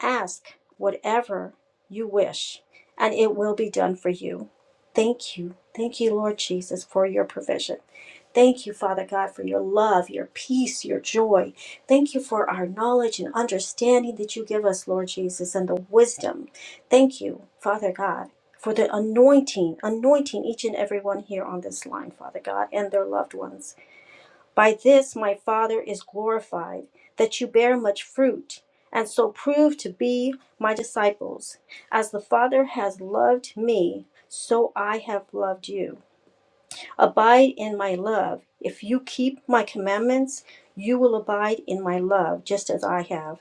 Ask whatever you wish, and it will be done for you. Thank you. Thank you, Lord Jesus, for your provision. Thank you, Father God, for your love, your peace, your joy. Thank you for our knowledge and understanding that you give us, Lord Jesus, and the wisdom. Thank you, Father God, for the anointing, anointing each and every one here on this line, Father God, and their loved ones. By this my Father is glorified, that you bear much fruit, and so prove to be my disciples. As the Father has loved me, so I have loved you. Abide in my love. If you keep my commandments, you will abide in my love, just as I have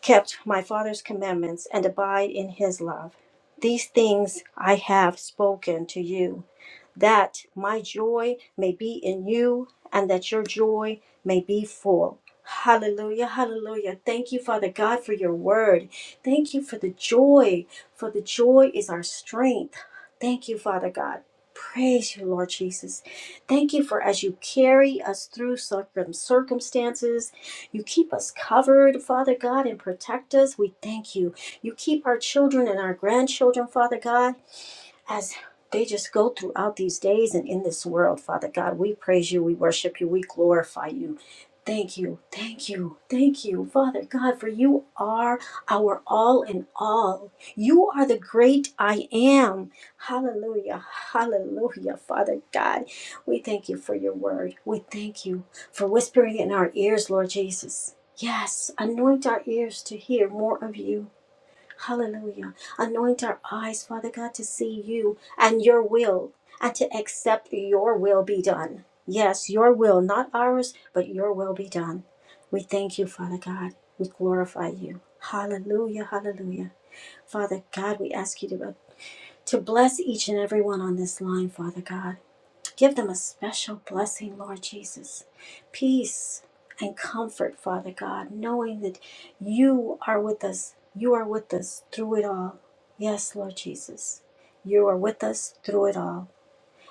kept my Father's commandments and abide in his love. These things I have spoken to you, that my joy may be in you and that your joy may be full. Hallelujah, hallelujah. Thank you, Father God, for your word. Thank you for the joy, for the joy is our strength. Thank you, Father God. Praise you, Lord Jesus. Thank you for as you carry us through circum- circumstances, you keep us covered, Father God, and protect us. We thank you. You keep our children and our grandchildren, Father God as they just go throughout these days and in this world, Father God. We praise you, we worship you, we glorify you. Thank you, thank you, thank you, Father God, for you are our all in all. You are the great I am. Hallelujah, hallelujah, Father God. We thank you for your word. We thank you for whispering in our ears, Lord Jesus. Yes, anoint our ears to hear more of you. Hallelujah. Anoint our eyes, Father God, to see you and your will and to accept your will be done. Yes, your will, not ours, but your will be done. We thank you, Father God. We glorify you. Hallelujah. Hallelujah. Father God, we ask you to, to bless each and every one on this line, Father God. Give them a special blessing, Lord Jesus. Peace and comfort, Father God, knowing that you are with us. You are with us through it all. Yes, Lord Jesus. You are with us through it all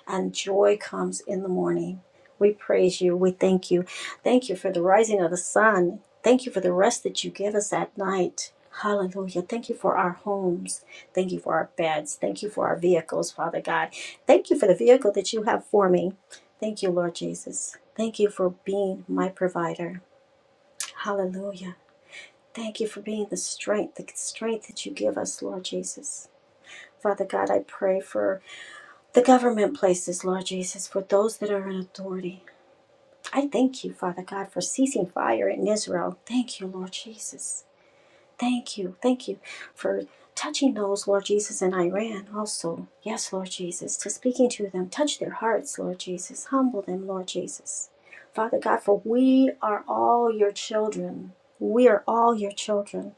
and joy comes in the morning. We praise you. We thank you. Thank you for the rising of the sun. Thank you for the rest that you give us at night. Hallelujah. Thank you for our homes. Thank you for our beds. Thank you for our vehicles, Father God. Thank you for the vehicle that you have for me. Thank you, Lord Jesus. Thank you for being my provider. Hallelujah. Thank you for being the strength, the strength that you give us, Lord Jesus. Father God, I pray for the government places, Lord Jesus, for those that are in authority. I thank you, Father God, for ceasing fire in Israel. Thank you, Lord Jesus. Thank you. Thank you for touching those, Lord Jesus, in Iran also. Yes, Lord Jesus, to speaking to them. Touch their hearts, Lord Jesus. Humble them, Lord Jesus. Father God, for we are all your children. We are all your children.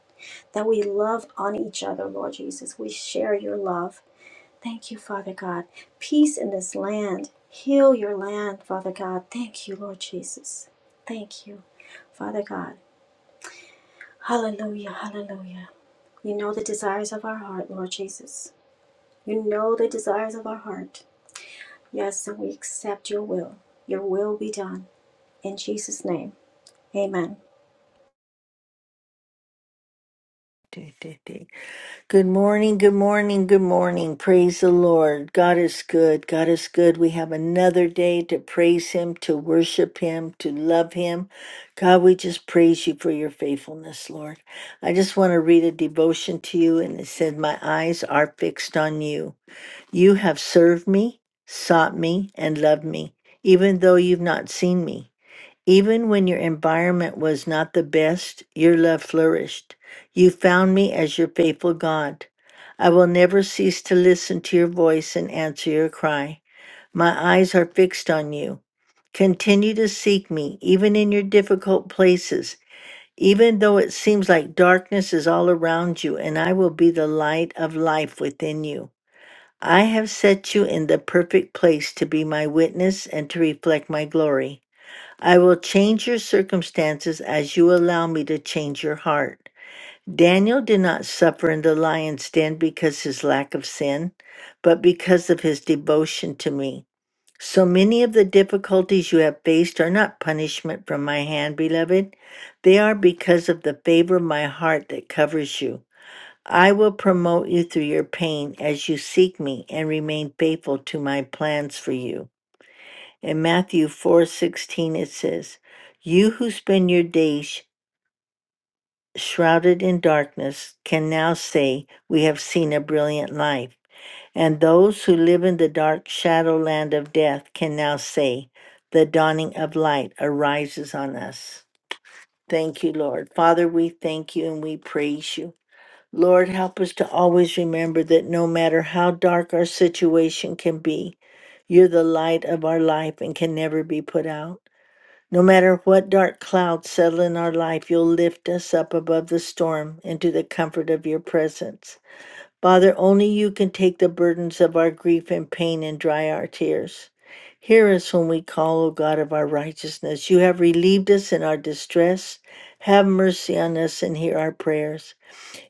That we love on each other, Lord Jesus. We share your love. Thank you, Father God. Peace in this land. Heal your land, Father God. Thank you, Lord Jesus. Thank you, Father God. Hallelujah, hallelujah. You know the desires of our heart, Lord Jesus. You know the desires of our heart. Yes, and we accept your will. Your will be done. In Jesus' name, amen. Day, day, day. Good morning, good morning, good morning. Praise the Lord. God is good. God is good. We have another day to praise Him, to worship Him, to love Him. God, we just praise you for your faithfulness, Lord. I just want to read a devotion to you, and it said, My eyes are fixed on you. You have served me, sought me, and loved me, even though you've not seen me. Even when your environment was not the best, your love flourished. You found me as your faithful God. I will never cease to listen to your voice and answer your cry. My eyes are fixed on you. Continue to seek me, even in your difficult places, even though it seems like darkness is all around you, and I will be the light of life within you. I have set you in the perfect place to be my witness and to reflect my glory. I will change your circumstances as you allow me to change your heart. Daniel did not suffer in the lion's den because his lack of sin, but because of his devotion to me. So many of the difficulties you have faced are not punishment from my hand, beloved. They are because of the favor of my heart that covers you. I will promote you through your pain as you seek me and remain faithful to my plans for you. In Matthew 4:16 it says, "You who spend your days shrouded in darkness can now say, 'We have seen a brilliant light." And those who live in the dark shadow land of death can now say, 'The dawning of light arises on us. Thank you, Lord. Father, we thank you and we praise you. Lord, help us to always remember that no matter how dark our situation can be, you're the light of our life and can never be put out. No matter what dark clouds settle in our life, you'll lift us up above the storm into the comfort of your presence. Father, only you can take the burdens of our grief and pain and dry our tears. Hear us when we call, O God of our righteousness. You have relieved us in our distress. Have mercy on us and hear our prayers.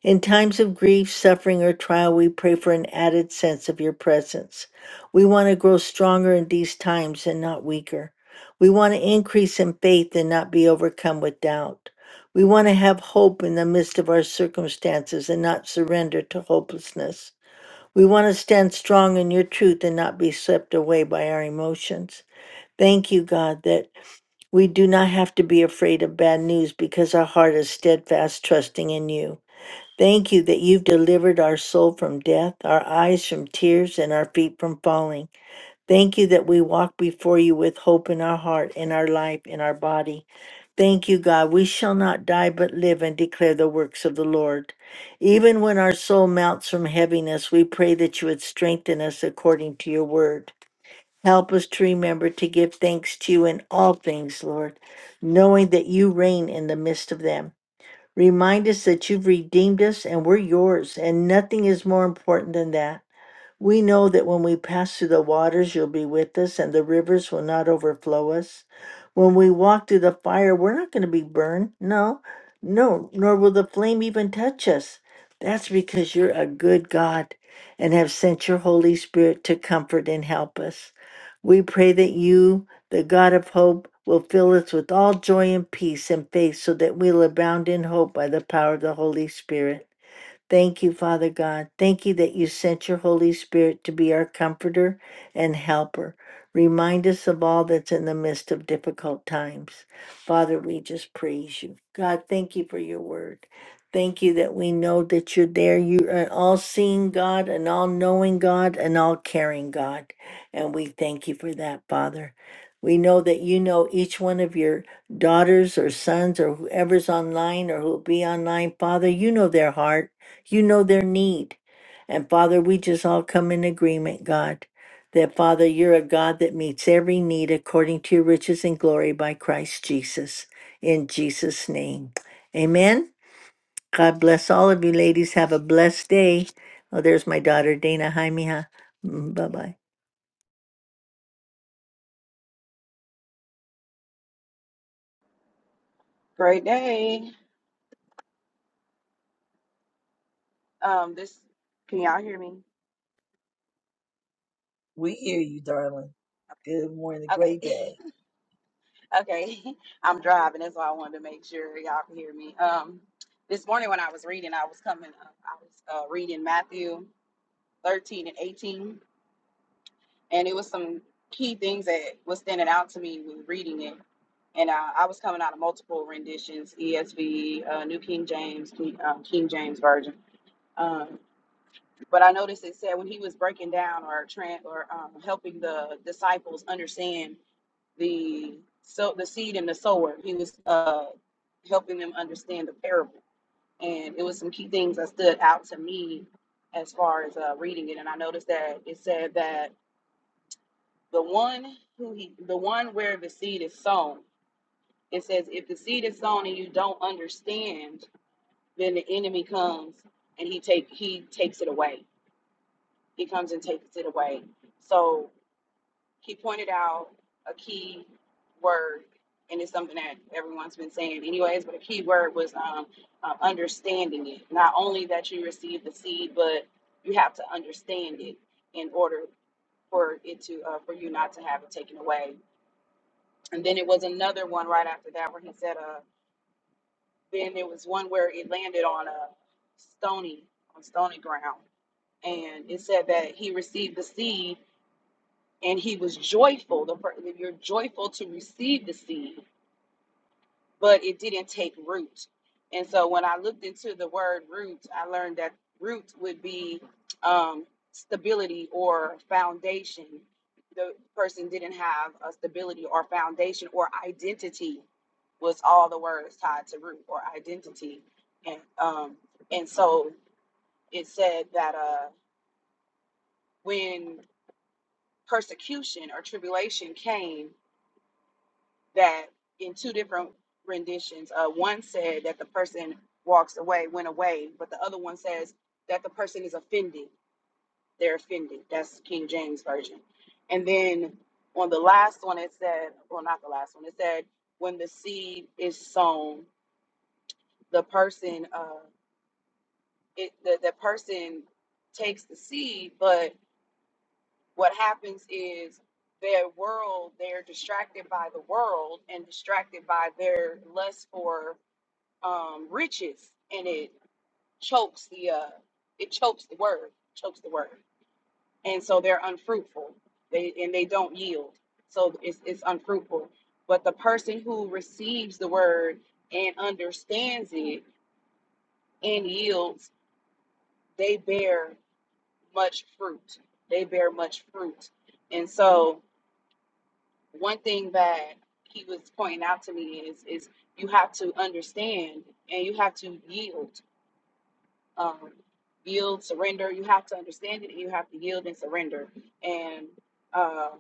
In times of grief, suffering, or trial, we pray for an added sense of your presence. We want to grow stronger in these times and not weaker. We want to increase in faith and not be overcome with doubt. We want to have hope in the midst of our circumstances and not surrender to hopelessness. We want to stand strong in your truth and not be swept away by our emotions. Thank you, God, that we do not have to be afraid of bad news because our heart is steadfast, trusting in you. Thank you that you've delivered our soul from death, our eyes from tears, and our feet from falling. Thank you that we walk before you with hope in our heart, in our life, in our body. Thank you, God. We shall not die but live and declare the works of the Lord. Even when our soul mounts from heaviness, we pray that you would strengthen us according to your word. Help us to remember to give thanks to you in all things, Lord, knowing that you reign in the midst of them. Remind us that you've redeemed us and we're yours, and nothing is more important than that. We know that when we pass through the waters, you'll be with us, and the rivers will not overflow us. When we walk through the fire, we're not going to be burned. No, no, nor will the flame even touch us. That's because you're a good God and have sent your Holy Spirit to comfort and help us. We pray that you, the God of hope, will fill us with all joy and peace and faith so that we'll abound in hope by the power of the Holy Spirit. Thank you, Father God. Thank you that you sent your Holy Spirit to be our comforter and helper. Remind us of all that's in the midst of difficult times. Father, we just praise you. God, thank you for your word. Thank you that we know that you're there. You are an all seeing God, an all knowing God, an all caring God. And we thank you for that, Father. We know that you know each one of your daughters or sons or whoever's online or who'll be online, Father. You know their heart. You know their need. And Father, we just all come in agreement, God, that Father, you're a God that meets every need according to your riches and glory by Christ Jesus. In Jesus' name. Amen. God bless all of you, ladies. Have a blessed day. Oh, there's my daughter, Dana Hi, Jaime. Bye bye. Great day. Um, this can y'all hear me? We hear you, darling. Good morning. Okay, Great day. okay. I'm driving, that's why I wanted to make sure y'all can hear me. Um, this morning when I was reading, I was coming, up, I was uh, reading Matthew 13 and 18, and it was some key things that was standing out to me when reading it. And uh, I was coming out of multiple renditions: ESV, uh, New King James, King, uh, King James Version. Um, But I noticed it said when he was breaking down or tran or um, helping the disciples understand the so the seed and the sower, he was uh, helping them understand the parable. And it was some key things that stood out to me as far as uh, reading it. And I noticed that it said that the one who he, the one where the seed is sown, it says if the seed is sown and you don't understand, then the enemy comes and he take he takes it away. He comes and takes it away. So he pointed out a key word, and it's something that everyone's been saying anyways, but a key word was um, uh, understanding it. Not only that you receive the seed, but you have to understand it in order for it to uh, for you not to have it taken away. And then it was another one right after that where he said, uh, then there was one where it landed on a stony on stony ground, and it said that he received the seed and he was joyful. The per- you're joyful to receive the seed, but it didn't take root. And so when I looked into the word root, I learned that root would be um, stability or foundation. The person didn't have a stability or foundation or identity was all the words tied to root or identity. And um, and so it said that uh, when persecution or tribulation came, that in two different renditions, uh, one said that the person walks away, went away, but the other one says that the person is offended. They're offended. That's King James version. And then on the last one, it said, well, not the last one. It said when the seed is sown, the person, uh, it the, the person takes the seed, but what happens is their world, they're distracted by the world and distracted by their lust for um, riches and it chokes the uh, it chokes the word chokes the word and so they're unfruitful they and they don't yield so it's, it's unfruitful but the person who receives the word and understands it and yields they bear much fruit they bear much fruit and so one thing that he was pointing out to me is is you have to understand and you have to yield um, yield, surrender. You have to understand it, and you have to yield and surrender. And uh,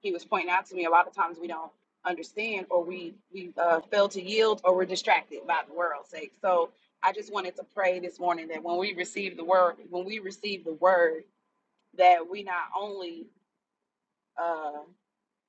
he was pointing out to me a lot of times we don't understand, or we we uh, fail to yield, or we're distracted by the world's sake. So I just wanted to pray this morning that when we receive the word, when we receive the word, that we not only uh,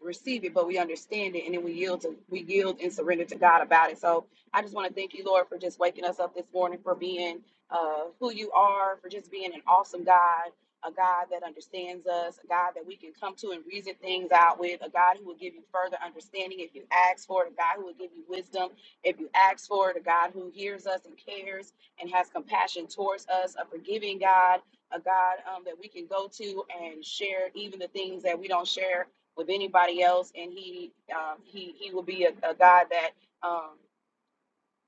receive it, but we understand it, and then we yield to we yield and surrender to God about it. So I just want to thank you, Lord, for just waking us up this morning, for being uh, who you are, for just being an awesome God, a God that understands us, a God that we can come to and reason things out with, a God who will give you further understanding if you ask for it, a God who will give you wisdom if you ask for it, a God who hears us and cares and has compassion towards us, a forgiving God. A God um, that we can go to and share even the things that we don't share with anybody else, and he um, he he will be a, a God that um,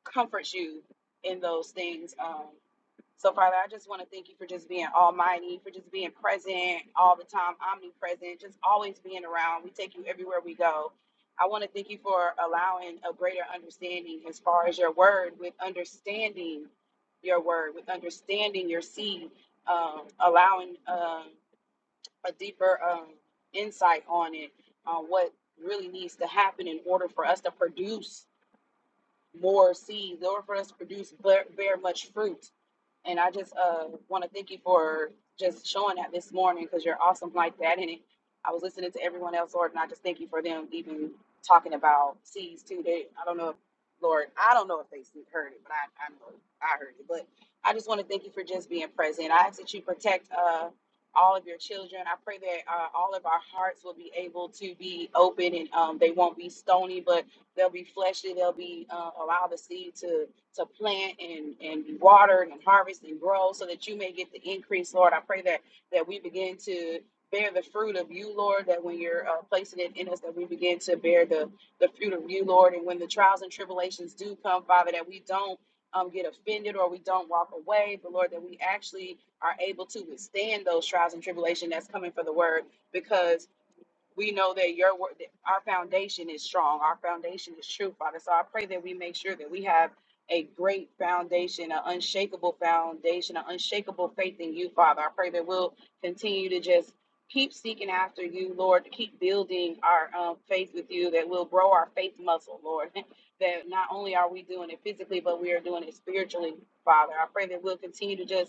comforts you in those things. Um, so, Father, I just want to thank you for just being almighty, for just being present all the time, omnipresent, just always being around. We take you everywhere we go. I want to thank you for allowing a greater understanding as far as your word, with understanding your word, with understanding your seed, um, allowing. um, a deeper um, insight on it on what really needs to happen in order for us to produce more seeds in order for us to produce bear, bear much fruit. And I just uh, want to thank you for just showing that this morning because you're awesome like that. And it, I was listening to everyone else, Lord, and I just thank you for them even talking about seeds too. They, I don't know, if, Lord, I don't know if they heard it, but I, I know I heard it. But I just want to thank you for just being present. I ask that you protect uh, all of your children. I pray that uh, all of our hearts will be able to be open and um, they won't be stony, but They'll be fleshy. They'll be uh, allow the seed to to plant and and be watered and harvest and grow, so that you may get the increase, Lord. I pray that that we begin to bear the fruit of you, Lord. That when you're uh, placing it in us, that we begin to bear the the fruit of you, Lord. And when the trials and tribulations do come, Father, that we don't um, get offended or we don't walk away, but Lord, that we actually are able to withstand those trials and tribulation that's coming for the word, because we know that your word, that our foundation is strong. Our foundation is true, Father. So I pray that we make sure that we have a great foundation, an unshakable foundation, an unshakable faith in you, Father. I pray that we'll continue to just keep seeking after you, Lord, to keep building our um, faith with you, that we'll grow our faith muscle, Lord. that not only are we doing it physically, but we are doing it spiritually, Father. I pray that we'll continue to just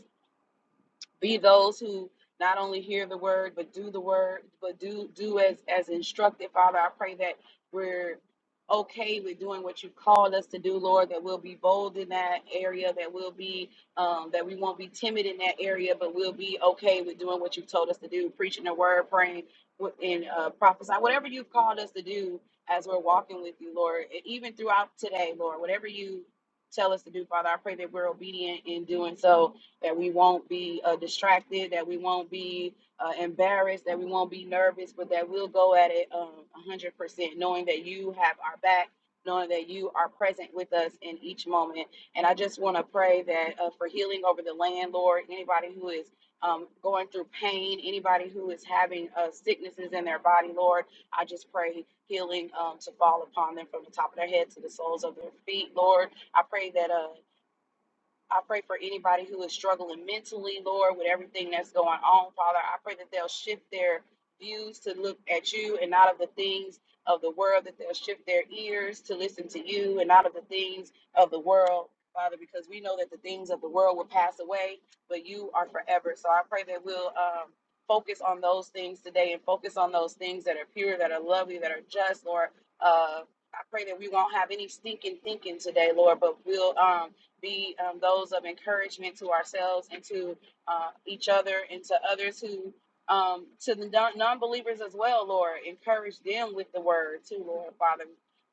be those who not only hear the word but do the word but do do as as instructed father i pray that we're okay with doing what you've called us to do lord that we'll be bold in that area that we'll be um, that we won't be timid in that area but we'll be okay with doing what you've told us to do preaching the word praying wh- and uh, prophesying whatever you've called us to do as we're walking with you lord and even throughout today lord whatever you tell us to do father i pray that we're obedient in doing so that we won't be uh, distracted, that we won't be uh, embarrassed, that we won't be nervous, but that we'll go at it um, 100%, knowing that you have our back, knowing that you are present with us in each moment. And I just want to pray that uh, for healing over the land, Lord, anybody who is um, going through pain, anybody who is having uh, sicknesses in their body, Lord, I just pray healing um, to fall upon them from the top of their head to the soles of their feet, Lord. I pray that. Uh, I pray for anybody who is struggling mentally, Lord, with everything that's going on, Father. I pray that they'll shift their views to look at you and not of the things of the world, that they'll shift their ears to listen to you and not of the things of the world, Father, because we know that the things of the world will pass away, but you are forever. So I pray that we'll um, focus on those things today and focus on those things that are pure, that are lovely, that are just, Lord. Uh, I pray that we won't have any stinking thinking today, Lord, but we'll. Um, be um, those of encouragement to ourselves and to uh, each other and to others who, um, to the non believers as well, Lord. Encourage them with the word too, Lord, Father.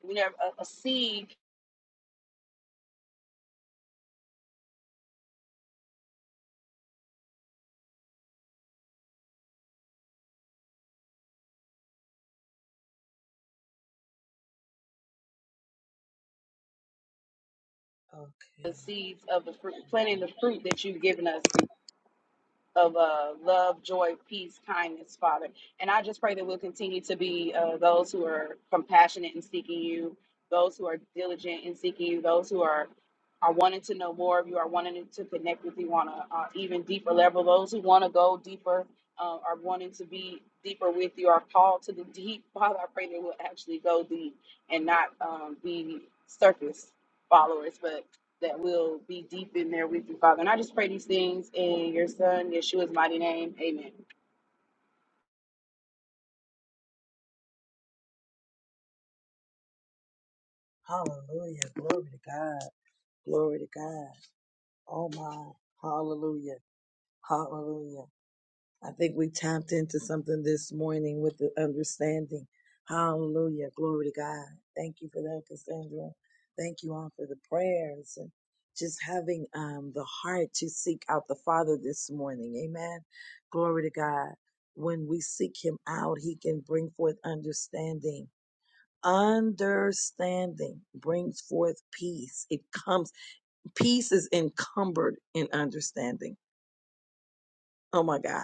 We never, a, a seed, the Okay. seeds of the fruit, planting the fruit that you've given us of uh, love, joy, peace, kindness, Father. And I just pray that we'll continue to be uh, those who are compassionate in seeking you, those who are diligent in seeking you, those who are are wanting to know more of you, are wanting to connect with you on a uh, even deeper level. Those who want to go deeper, uh, are wanting to be deeper with you, are called to the deep. Father, I pray that we'll actually go deep and not um, be surface followers, but that will be deep in there with you, Father. And I just pray these things in your Son, Yeshua's mighty name. Amen. Hallelujah. Glory to God. Glory to God. Oh my. Hallelujah. Hallelujah. I think we tapped into something this morning with the understanding. Hallelujah. Glory to God. Thank you for that, Cassandra. Thank you all for the prayers and just having um, the heart to seek out the Father this morning. Amen. Glory to God. When we seek Him out, He can bring forth understanding. Understanding brings forth peace. It comes, peace is encumbered in understanding. Oh my God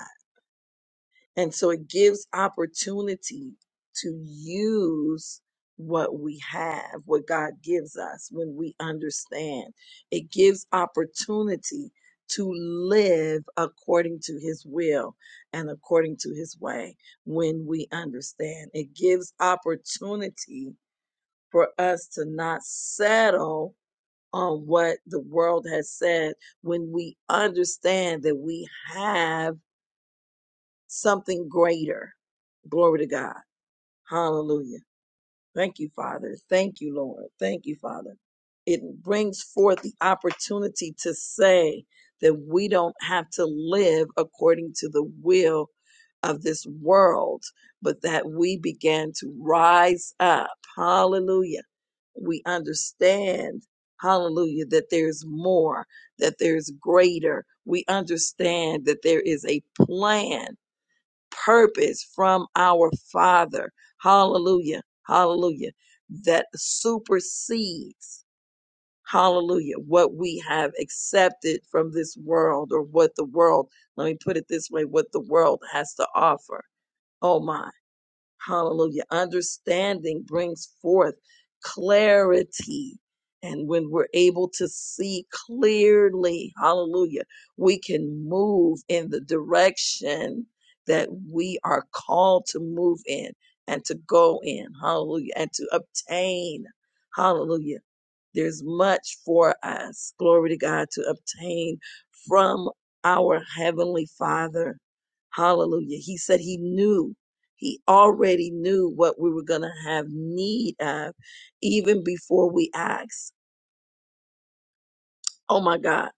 And so it gives opportunity to use what we have, what God gives us when we understand. It gives opportunity to live according to his will and according to his way when we understand. It gives opportunity for us to not settle on what the world has said when we understand that we have something greater. Glory to God. Hallelujah. Thank you, Father. Thank you, Lord. Thank you, Father. It brings forth the opportunity to say that we don't have to live according to the will of this world, but that we began to rise up. Hallelujah. We understand, hallelujah, that there's more, that there's greater. We understand that there is a plan purpose from our Father. Hallelujah. Hallelujah. That supersedes, hallelujah, what we have accepted from this world or what the world, let me put it this way, what the world has to offer. Oh my. Hallelujah. Understanding brings forth clarity. And when we're able to see clearly, hallelujah, we can move in the direction that we are called to move in and to go in, hallelujah, and to obtain, hallelujah there's much for us, glory to God, to obtain from our Heavenly Father. Hallelujah. He said he knew, he already knew what we were going to have need of even before we asked. Oh my God.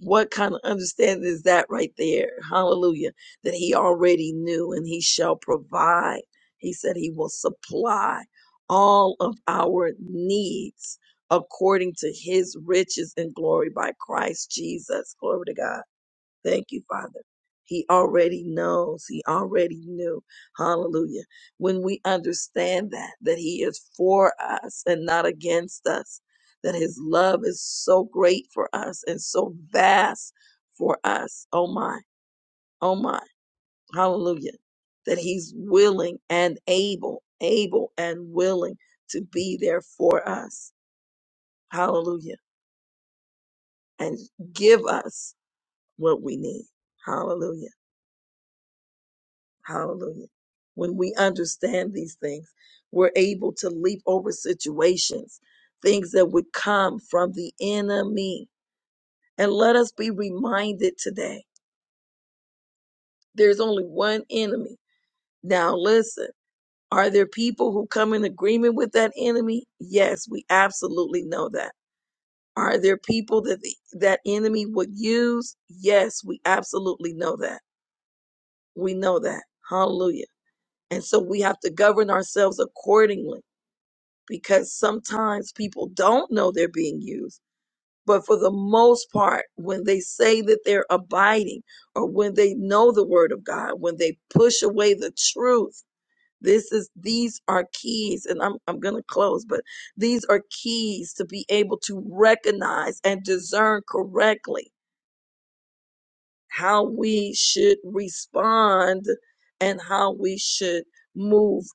What kind of understanding is that right there? Hallelujah. That he already knew and he shall provide. He said he will supply all of our needs according to his riches and glory by Christ Jesus. Glory to God. Thank you, Father. He already knows. He already knew. Hallelujah. When we understand that, that He is for us and not against us, that His love is so great for us and so vast for us. Oh my, oh my. Hallelujah. That He's willing and able, able and willing to be there for us. Hallelujah. And give us what we need. Hallelujah. Hallelujah. When we understand these things, we're able to leap over situations, things that would come from the enemy. And let us be reminded today there's only one enemy. Now, listen, are there people who come in agreement with that enemy? Yes, we absolutely know that. Are there people that the, that enemy would use? Yes, we absolutely know that. We know that. Hallelujah. And so we have to govern ourselves accordingly because sometimes people don't know they're being used. But for the most part, when they say that they're abiding or when they know the word of God, when they push away the truth, this is these are keys and I'm I'm going to close, but these are keys to be able to recognize and discern correctly how we should respond and how we should move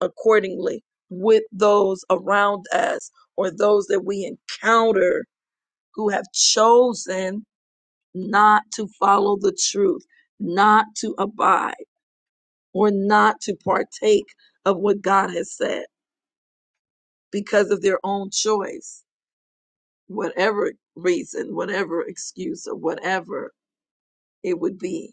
accordingly with those around us or those that we encounter who have chosen not to follow the truth, not to abide, or not to partake of what God has said because of their own choice, whatever reason, whatever excuse, or whatever it would be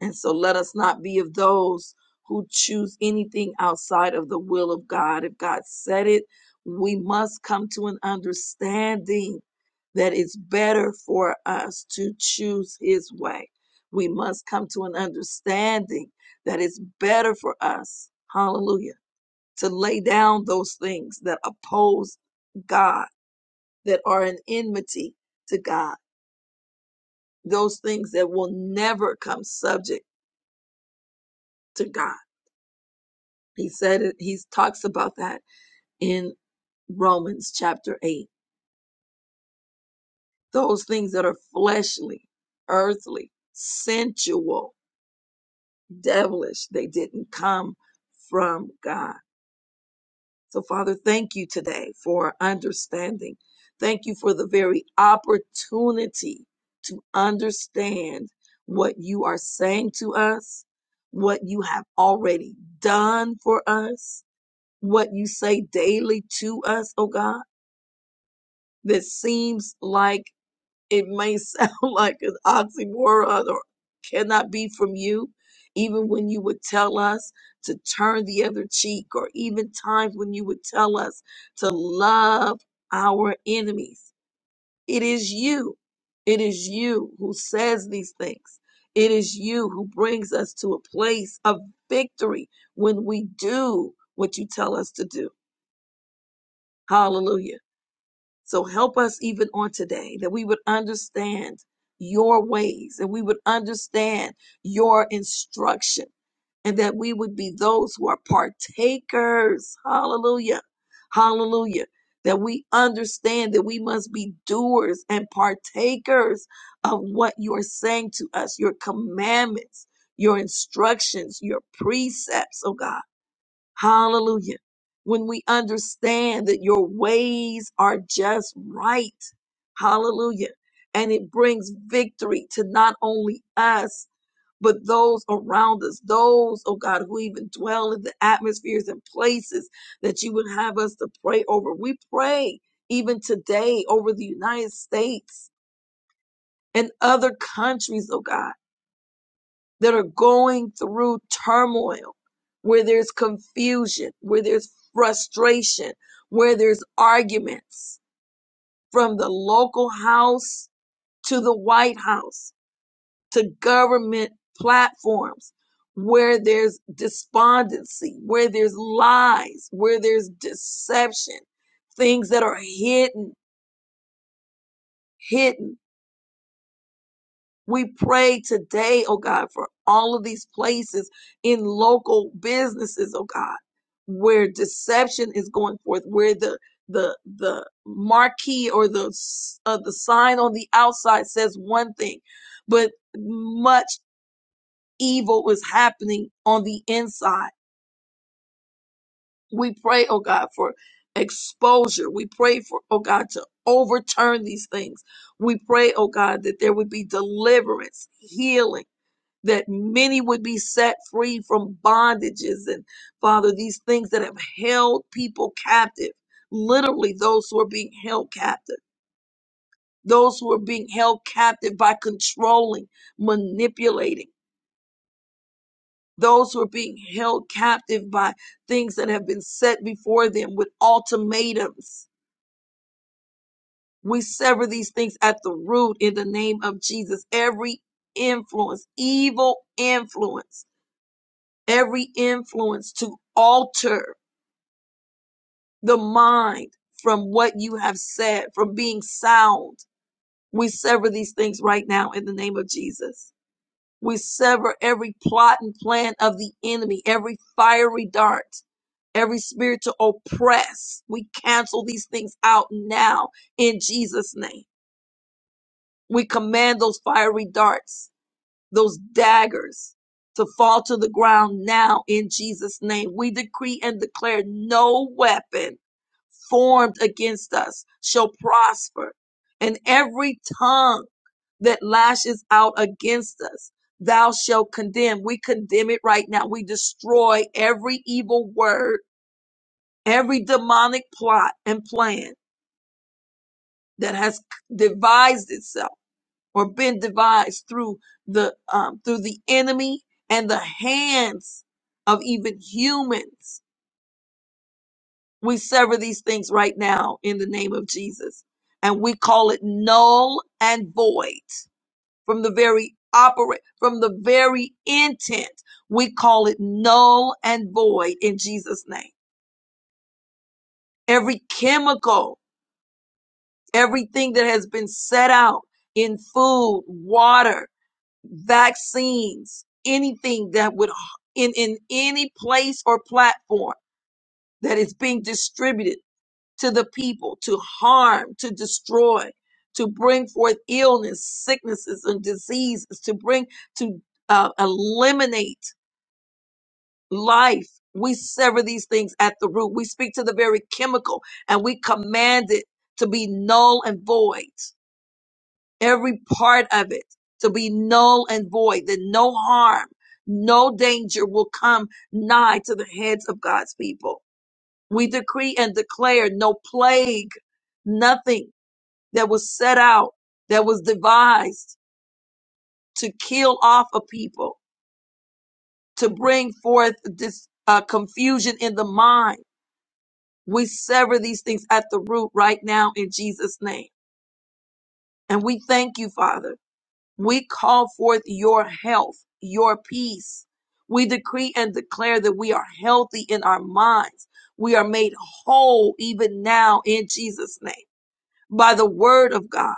And so let us not be of those who choose anything outside of the will of God. If God said it, we must come to an understanding that it's better for us to choose His way. We must come to an understanding that it's better for us, hallelujah, to lay down those things that oppose God, that are an enmity to God, those things that will never come subject to God He said it, he talks about that in Romans chapter 8. Those things that are fleshly, earthly, sensual, devilish, they didn't come from God. So, Father, thank you today for understanding. Thank you for the very opportunity to understand what you are saying to us, what you have already done for us, what you say daily to us, oh God. that seems like it may sound like an oxymoron or cannot be from you, even when you would tell us to turn the other cheek, or even times when you would tell us to love our enemies. It is you. It is you who says these things. It is you who brings us to a place of victory when we do what you tell us to do. Hallelujah. So help us even on today that we would understand your ways and we would understand your instruction and that we would be those who are partakers. Hallelujah. Hallelujah. That we understand that we must be doers and partakers of what you are saying to us, your commandments, your instructions, your precepts, oh God. Hallelujah. When we understand that your ways are just right. Hallelujah. And it brings victory to not only us, but those around us, those, oh God, who even dwell in the atmospheres and places that you would have us to pray over. We pray even today over the United States and other countries, oh God that are going through turmoil, where there's confusion, where there's frustration, where there's arguments from the local house to the White House to government platforms, where there's despondency, where there's lies, where there's deception, things that are hidden, hidden We pray today, oh God, for all of these places in local businesses, oh God, where deception is going forth, where the the the marquee or the uh, the sign on the outside says one thing, but much evil is happening on the inside. We pray, oh God, for exposure. We pray for, oh God, to overturn these things. We pray, oh God, that there would be deliverance, healing that many would be set free from bondages and father these things that have held people captive literally those who are being held captive those who are being held captive by controlling manipulating those who are being held captive by things that have been set before them with ultimatums we sever these things at the root in the name of jesus every influence evil influence every influence to alter the mind from what you have said, from being sound. We sever these things right now in the name of Jesus. We sever every plot and plan of the enemy, every fiery dart, every spirit to oppress. We cancel these things out now in Jesus' name. We command those fiery darts, those daggers to fall to the ground now in Jesus' name. We decree and declare no weapon formed against us shall prosper, and every tongue that lashes out against us, thou shalt condemn. We condemn it right now. We destroy every evil word, every demonic plot and plan that has devised itself or been devised through the um, through the enemy and the hands of even humans We sever these things right now in the name of Jesus. And we call it null and void from the very operate, from the very intent. We call it null and void in Jesus' name. Every chemical, everything that has been set out in food, water, vaccines, anything that would in, in any place or platform that is being distributed to the people, to harm, to destroy, to bring forth illness, sicknesses, and diseases, to bring, to uh, eliminate life. We sever these things at the root. We speak to the very chemical and we command it to be null and void, every part of it to be null and void, that no harm, no danger will come nigh to the heads of God's people. We decree and declare no plague, nothing that was set out, that was devised to kill off a people, to bring forth this uh, confusion in the mind. We sever these things at the root right now in Jesus' name. And we thank you, Father. We call forth your health, your peace. We decree and declare that we are healthy in our minds. We are made whole even now in Jesus' name by the word of God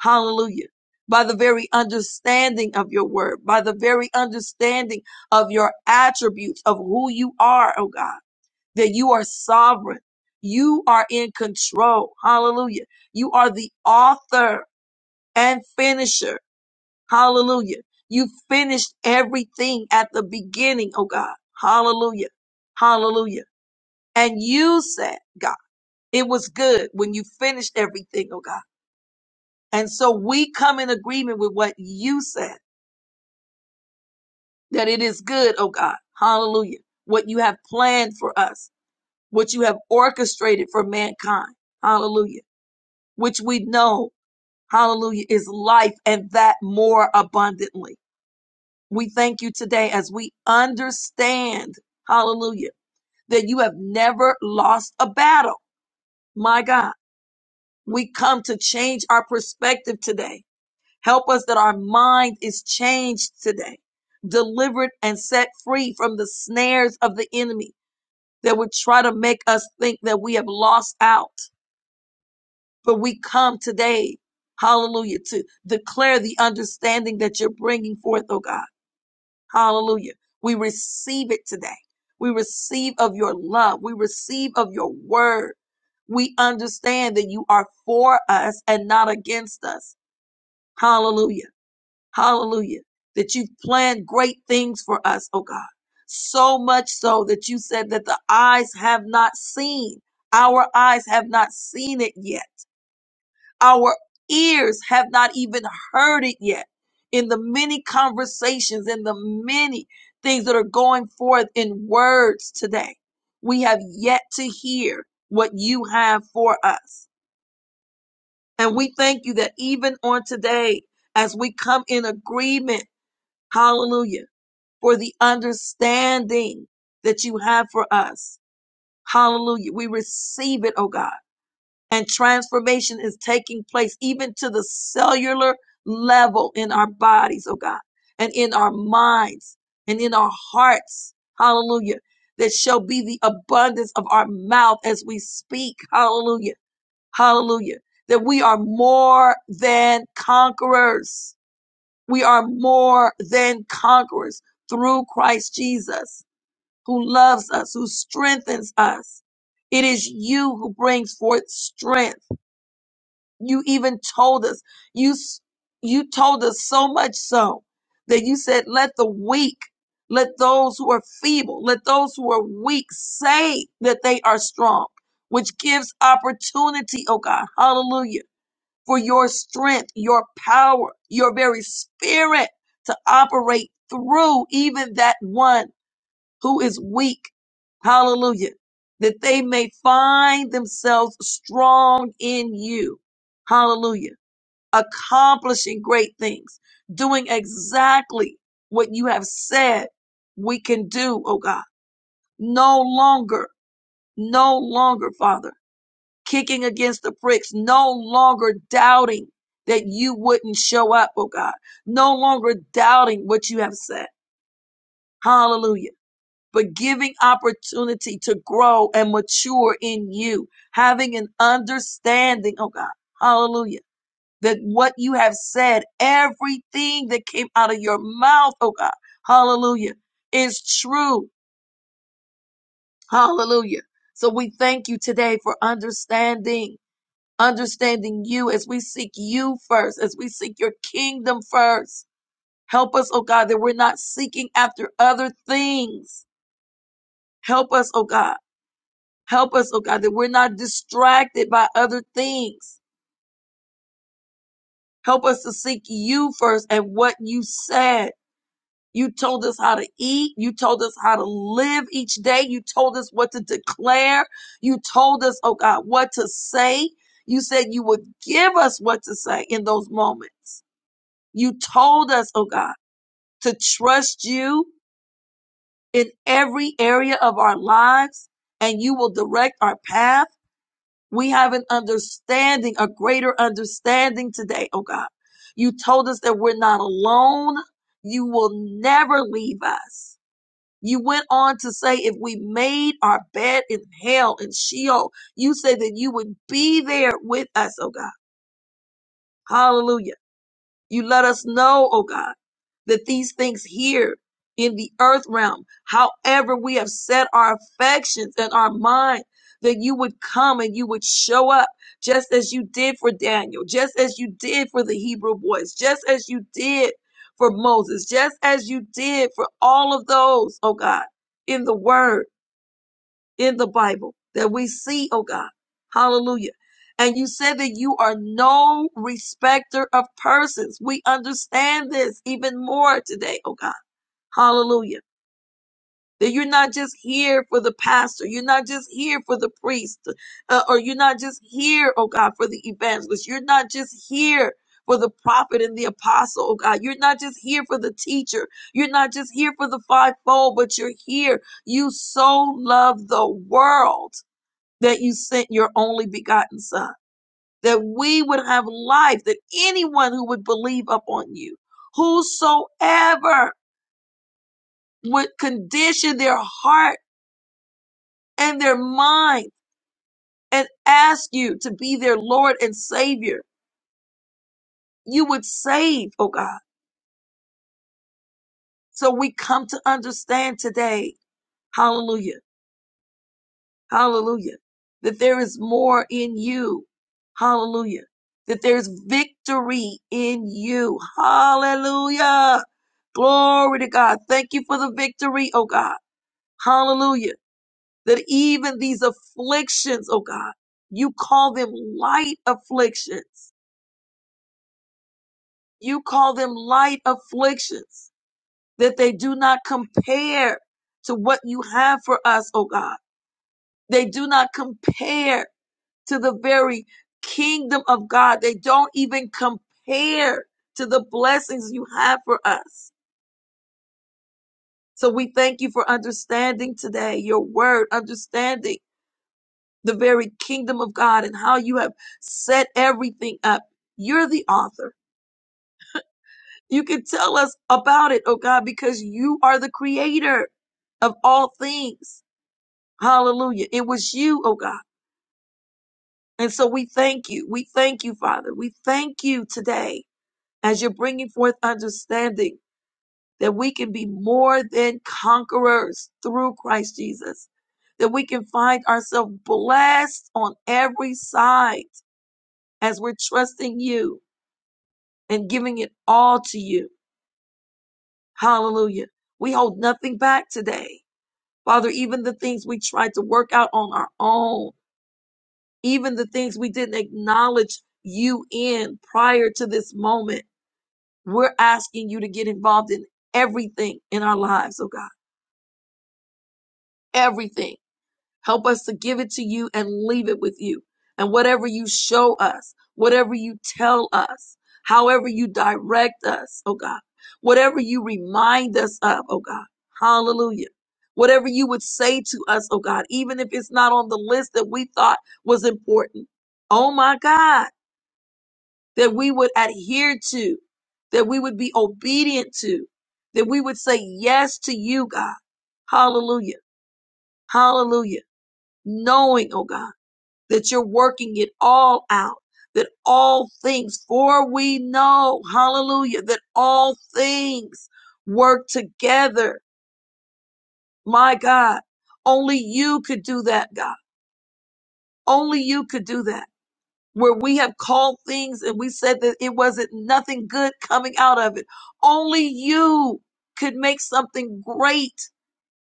Hallelujah. By the very understanding of your word, by the very understanding of your attributes of who you are, oh God, that you are sovereign. You are in control. Hallelujah. You are the author and finisher. Hallelujah. You finished everything at the beginning, oh God. Hallelujah. Hallelujah. And you said, God, it was good when you finished everything, oh God. And so we come in agreement with what you said, that it is good, oh God. Hallelujah. What you have planned for us, what you have orchestrated for mankind. Hallelujah. Which we know, hallelujah, is life and that more abundantly. We thank you today as we understand, hallelujah, that you have never lost a battle. My God, we come to change our perspective today Help us that our mind is changed today, delivered and set free from the snares of the enemy that would try to make us think that we have lost out. But we come today, hallelujah, to declare the understanding that you're bringing forth, oh God. Hallelujah. We receive it today. We receive of your love. We receive of your word. We understand that you are for us and not against us. Hallelujah Hallelujah. That you've planned great things for us, oh God. So much so that you said that the eyes have not seen, our eyes have not seen it yet, our ears have not even heard it yet. In the many conversations, in the many things that are going forth in words today, we have yet to hear what you have for us. And we thank you that even on today, as we come in agreement, hallelujah for the understanding that you have for us. Hallelujah. We receive it, oh God. And transformation is taking place even to the cellular level in our bodies, oh God, and in our minds and in our hearts. Hallelujah. That shall be the abundance of our mouth as we speak. Hallelujah. Hallelujah. That we are more than conquerors. We are more than conquerors through Christ Jesus who loves us, who strengthens us. It is you who brings forth strength. You even told us, you, s- you told us so much so that you said, let the weak, let those who are feeble, let those who are weak say that they are strong, which gives opportunity, oh God, hallelujah, for your strength, your power, your very spirit to operate through even that one who is weak, hallelujah, that they may find themselves strong in you, hallelujah, accomplishing great things, doing exactly what you have said we can do, oh God. No longer, no longer, Father, kicking against the pricks. no longer doubting that you wouldn't show up, oh God, no longer doubting what you have said. Hallelujah but giving opportunity to grow and mature in you, having an understanding, oh God, hallelujah, that what you have said, everything that came out of your mouth, oh God, hallelujah, is true, hallelujah. So we thank you today for understanding, understanding you as we seek you first, as we seek your kingdom first. Help us, oh God, that we're not seeking after other things. Help us, oh God Help us, oh God, that we're not distracted by other things. Help us to seek you first and what you said. You told us how to eat. You told us how to live each day. You told us what to declare. You told us, oh God, what to say. You said you would give us what to say in those moments. You told us, oh God, to trust you in every area of our lives and you will direct our path. We have an understanding, a greater understanding today, oh God. You told us that we're not alone. You will never leave us. You went on to say, if we made our bed in hell and Sheol, you said that you would be there with us, oh God. Hallelujah. You let us know, oh God, that these things here in the earth realm, however we have set our affections and our mind, that you would come and you would show up just as you did for Daniel, just as you did for the Hebrew boys, just as you did for Moses, just as you did for all of those, oh God, in the word in the Bible that we see, oh God. Hallelujah. And you said that you are no respecter of persons. We understand this even more today, oh God. Hallelujah. That you're not just here for the pastor. You're not just here for the priest. uh, or you're not just here, oh God, for the evangelist. You're not just here for the prophet and the apostle, oh God. You're not just here for the teacher. You're not just here for the fivefold, but you're here. You so love the world that you sent your only begotten Son, that we would have life, that anyone who would believe upon you, whosoever would condition their heart and their mind and ask you to be their Lord and Savior, you would save, oh God. So we come to understand today, hallelujah, hallelujah, that there is more in you, hallelujah, that there's victory in you, hallelujah Glory to God. Thank you for the victory, oh God. Hallelujah. That even these afflictions, oh God, you call them light afflictions. You call them light afflictions, that they do not compare to what you have for us, oh God. They do not compare to the very kingdom of God. They don't even compare to the blessings you have for us. So we thank you for understanding today, your word, understanding the very kingdom of God and how you have set everything up. You're the author. You can tell us about it, oh God, because you are the creator of all things. Hallelujah. It was you, oh God. And so we thank you. We thank you, Father. We thank you today as you're bringing forth understanding that we can be more than conquerors through Christ Jesus, that we can find ourselves blessed on every side as we're trusting you and giving it all to you. Hallelujah. We hold nothing back today. Father, even the things we tried to work out on our own, even the things we didn't acknowledge you in prior to this moment, we're asking you to get involved in everything in our lives, oh God. Everything Help us to give it to you and leave it with you. And whatever you show us, whatever you tell us, however you direct us, oh God, whatever you remind us of, oh God, hallelujah. Whatever you would say to us, oh God, even if it's not on the list that we thought was important, oh my God, that we would adhere to, that we would be obedient to, that we would say yes to you, God. Hallelujah. Hallelujah. Knowing, oh God that you're working it all out, that all things, for we know, hallelujah, that all things work together. My God, only you could do that, God. Only you could do that. Where we have called things and we said that it wasn't nothing good coming out of it. Only you could make something great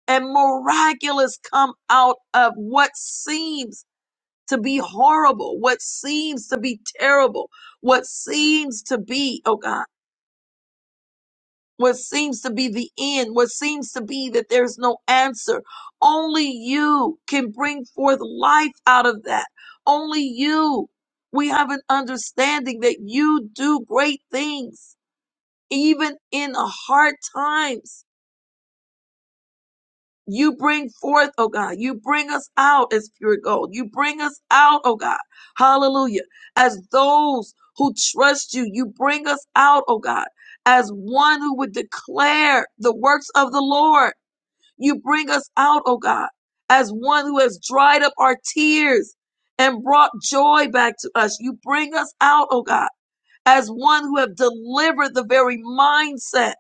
and miraculous come out of what seems to be horrible, what seems to be terrible, what seems to be, oh God, what seems to be the end, what seems to be that there's no answer. Only you can bring forth life out of that. Only you. We have an understanding that you do great things, even in hard times You bring forth, oh God. You bring us out as pure gold. You bring us out, oh God. Hallelujah. As those who trust you, you bring us out, oh God, as one who would declare the works of the Lord. You bring us out, oh God, as one who has dried up our tears and brought joy back to us. You bring us out, oh God, as one who have delivered the very mindset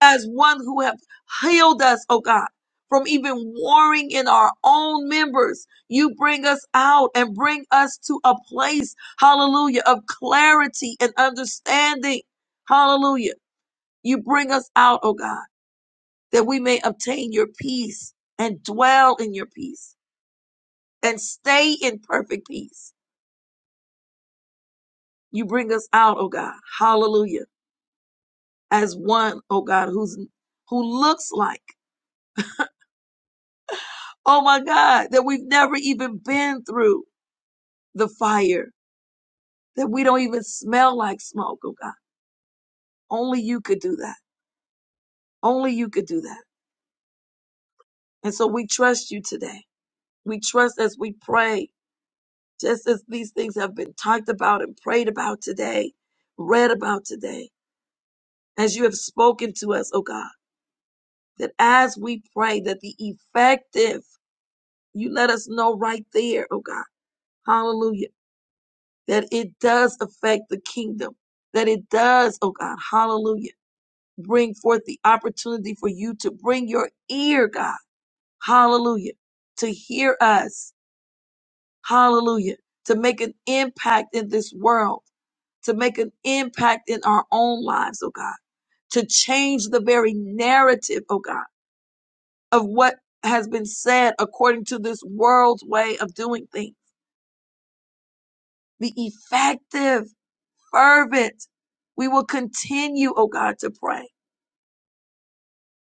as one who have healed us, oh God, from even warring in our own members. You bring us out and bring us to a place, hallelujah, of clarity and understanding. Hallelujah. You bring us out, oh God, that we may obtain your peace and dwell in your peace and stay in perfect peace. You bring us out, oh God. Hallelujah. As one, oh God, who's who looks like, oh my God, that we've never even been through. the fire that we don't even smell like smoke, oh God. Only you could do that. Only you could do that. And so we trust you today. We trust as we pray, just as these things have been talked about and prayed about today, read about today, as you have spoken to us, oh God, that as we pray, that the effective, you let us know right there, oh God, hallelujah, that it does affect the kingdom, that it does, oh God, hallelujah bring forth the opportunity for you to bring your ear, God. Hallelujah. To hear us. Hallelujah. To make an impact in this world, to make an impact in our own lives, oh God. To change the very narrative, oh God, of what has been said according to this world's way of doing things. Be effective, fervent. We will continue, oh God, to pray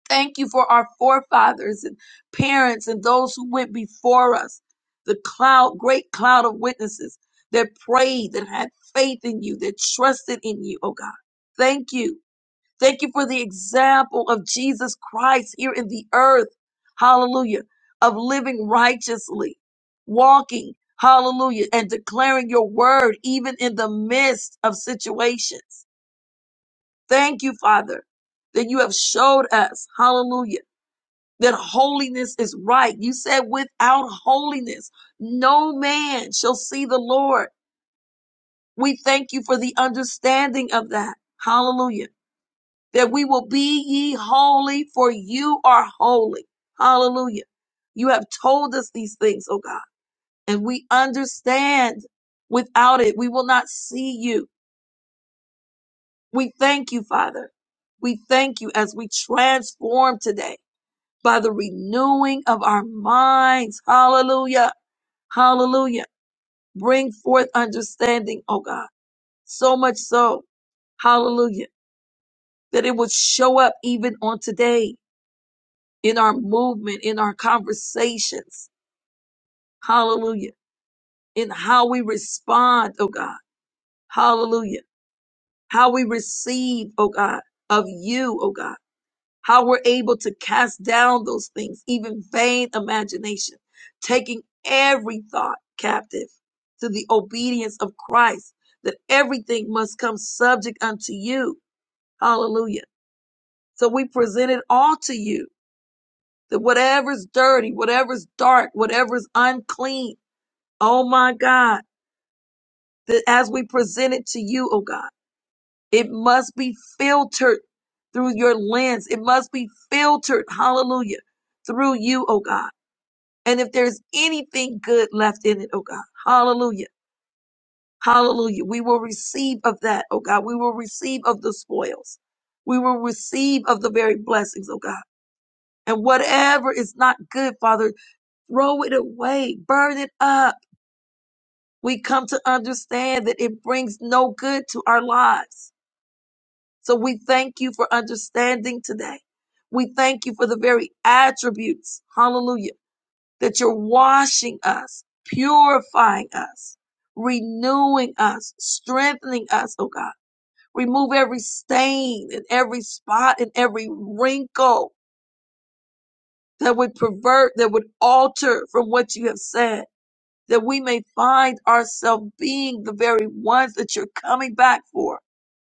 Thank you for our forefathers and parents and those who went before us, the cloud, great cloud of witnesses that prayed, that had faith in you, that trusted in you, oh God. Thank you. Thank you for the example of Jesus Christ here in the earth. Hallelujah. Of living righteously, walking, hallelujah, and declaring your word even in the midst of situations. Thank you, Father, that you have showed us, hallelujah that holiness is right. You said, without holiness, no man shall see the Lord. We thank you for the understanding of that. Hallelujah. That we will be ye holy, for you are holy. Hallelujah. You have told us these things, oh God, and we understand without it, we will not see you. We thank you, Father. We thank you as we transform today by the renewing of our minds. Hallelujah Hallelujah. Bring forth understanding, oh God. So much so, hallelujah, that it would show up even on today in our movement, in our conversations. Hallelujah. In how we respond, oh God. Hallelujah. How we receive, oh God, of you, oh God. how we're able to cast down those things, even vain imagination, taking every thought captive to the obedience of Christ, that everything must come subject unto you. Hallelujah. So we present it all to you that whatever's dirty, whatever's dark, whatever's unclean, oh my God, that as we present it to you, oh God, it must be filtered through your lens. It must be filtered, hallelujah, through you, oh God And if there's anything good left in it, oh God, hallelujah, hallelujah, we will receive of that, oh God. We will receive of the spoils. We will receive of the very blessings, oh God. And whatever is not good, Father, throw it away, burn it up. We come to understand that it brings no good to our lives. So we thank you for understanding today. We thank you for the very attributes, hallelujah that you're washing us, purifying us, renewing us, strengthening us, oh God. Remove every stain and every spot and every wrinkle that would pervert, that would alter from what you have said, that we may find ourselves being the very ones that you're coming back for.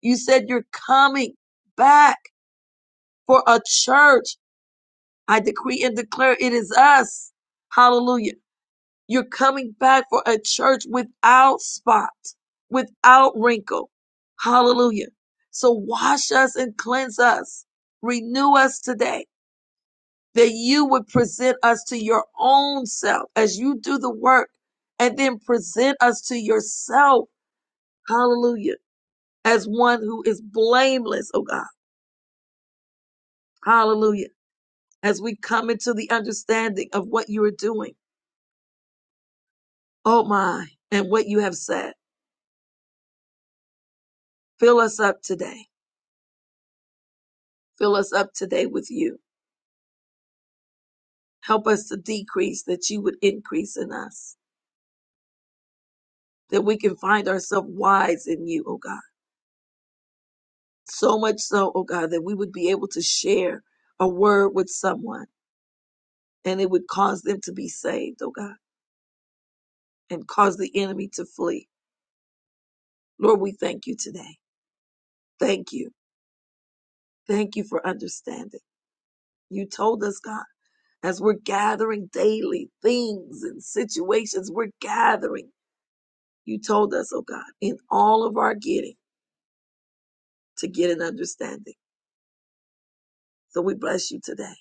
You said you're coming back for a church. I decree and declare it is us. Hallelujah You're coming back for a church without spot, without wrinkle. Hallelujah. So wash us and cleanse us. Renew us today that you would present us to your own self as you do the work and then present us to yourself. Hallelujah. As one who is blameless, oh God. Hallelujah. As we come into the understanding of what you are doing. Oh my. And what you have said. Fill us up today. Fill us up today with you. Help us to decrease that you would increase in us, that we can find ourselves wise in you, oh God. So much so, oh God, that we would be able to share a word with someone and it would cause them to be saved, oh God, and cause the enemy to flee. Lord, we thank you today. Thank you. Thank you for understanding. You told us, God, as we're gathering daily things and situations, we're gathering. You told us, oh God, in all of our getting to get an understanding. So we bless you today.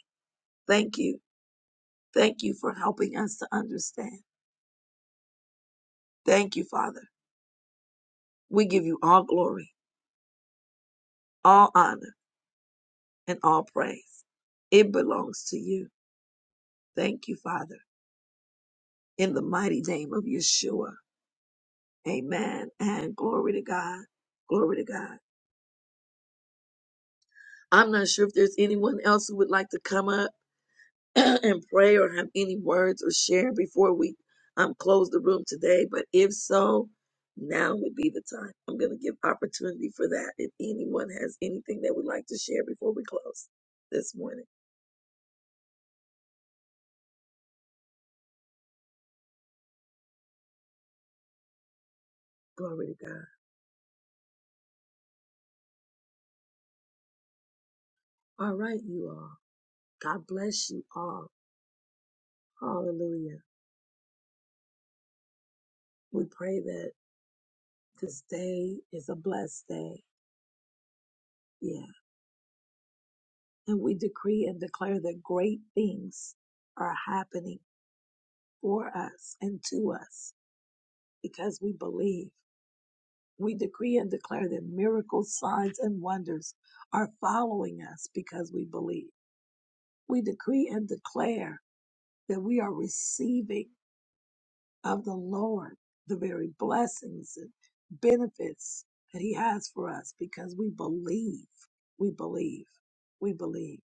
Thank you. Thank you for helping us to understand. Thank you, Father. We give you all glory, all honor, and all praise. It belongs to you. Thank you, Father. In the mighty name of Yeshua. Amen. And glory to God. Glory to God. I'm not sure if there's anyone else who would like to come up and pray or have any words or share before we um, close the room today. But if so, now would be the time. I'm going to give opportunity for that if anyone has anything that would like to share before we close this morning. Glory to God. All right, you all. God bless you all. Hallelujah. We pray that this day is a blessed day. Yeah. And we decree and declare that great things are happening for us and to us because we believe We decree and declare that miracles, signs, and wonders are following us because we believe. We decree and declare that we are receiving of the Lord the very blessings and benefits that He has for us because we believe. We believe. We believe.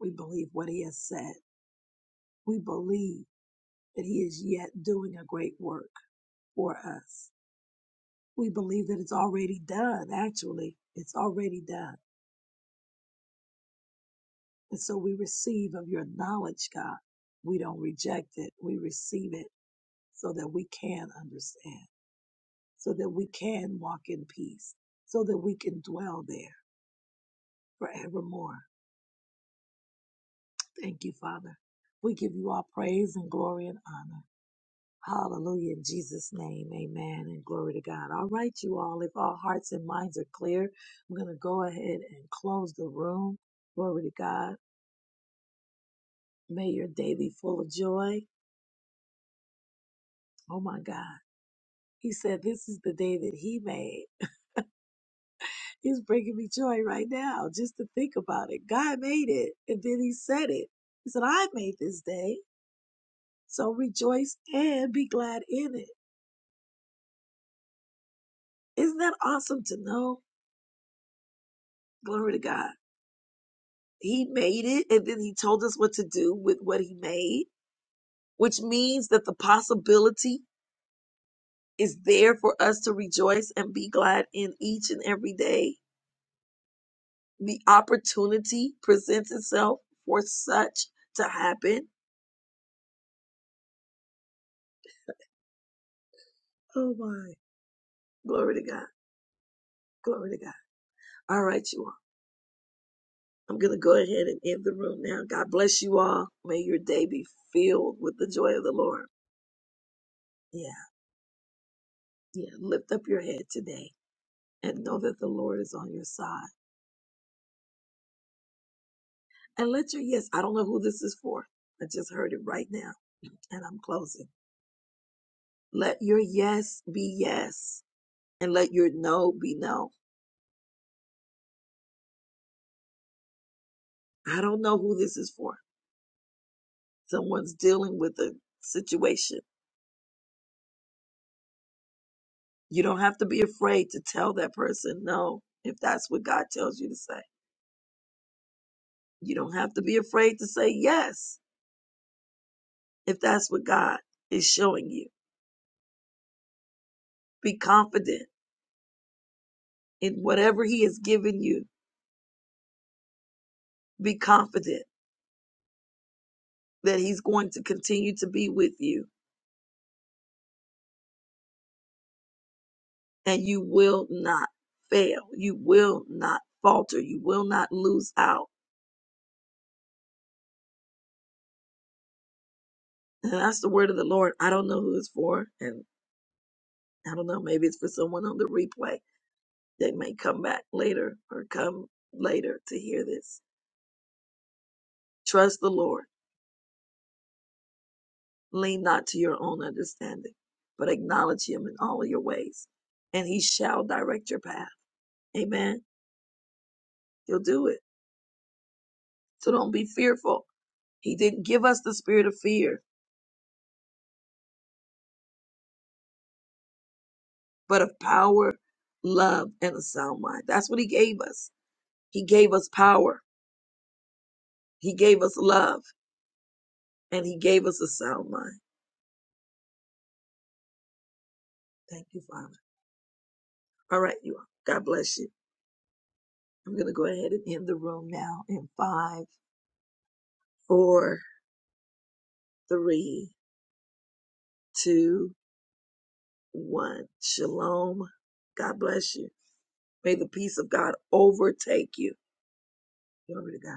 We believe what He has said. We believe that He is yet doing a great work for us. We believe that it's already done. Actually, it's already done And so we receive of your knowledge, God. We don't reject it. We receive it so that we can understand, so that we can walk in peace, so that we can dwell there forevermore. Thank you, Father. We give you all praise and glory and honor. Hallelujah. In Jesus' name, amen and glory to God. All right, you all, if our hearts and minds are clear, I'm going to go ahead and close the room. Glory to God. May your day be full of joy. Oh my God. He said, This is the day that he made. He's bringing me joy right now just to think about it. God made it. And then he said it. He said, I made this day. So rejoice and be glad in it. Isn't that awesome to know? Glory to God. He made it. And then he told us what to do with what he made, which means that the possibility is there for us to rejoice and be glad in each and every day. The opportunity presents itself for such to happen Oh my. Glory to God. Glory to God. All right, you all. I'm going to go ahead and end the room now. God bless you all. May your day be filled with the joy of the Lord. Yeah. Yeah. Lift up your head today and know that the Lord is on your side. And let your yes, I don't know who this is for. I just heard it right now and I'm closing. Let your yes be yes and let your no be no. I don't know who this is for. Someone's dealing with a situation You don't have to be afraid to tell that person no if that's what God tells you to say. You don't have to be afraid to say yes if that's what God is showing you. Be confident in whatever He has given you. Be confident that He's going to continue to be with you and you will not fail. You will not falter. You will not lose out. And that's the word of the Lord. I don't know who it's for. And I don't know, maybe it's for someone on the replay They may come back later or come later to hear this. Trust the Lord. Lean not to your own understanding, but acknowledge him in all of your ways, and he shall direct your path. Amen. He'll do it. So don't be fearful. He didn't give us the spirit of fear, but of power, love, and a sound mind. That's what he gave us. He gave us power. He gave us love, and he gave us a sound mind. Thank you, Father. All right, you all. God bless you. I'm going to go ahead and end the room now in five, four, three, two, one. Shalom. God bless you. May the peace of God overtake you. Glory to God.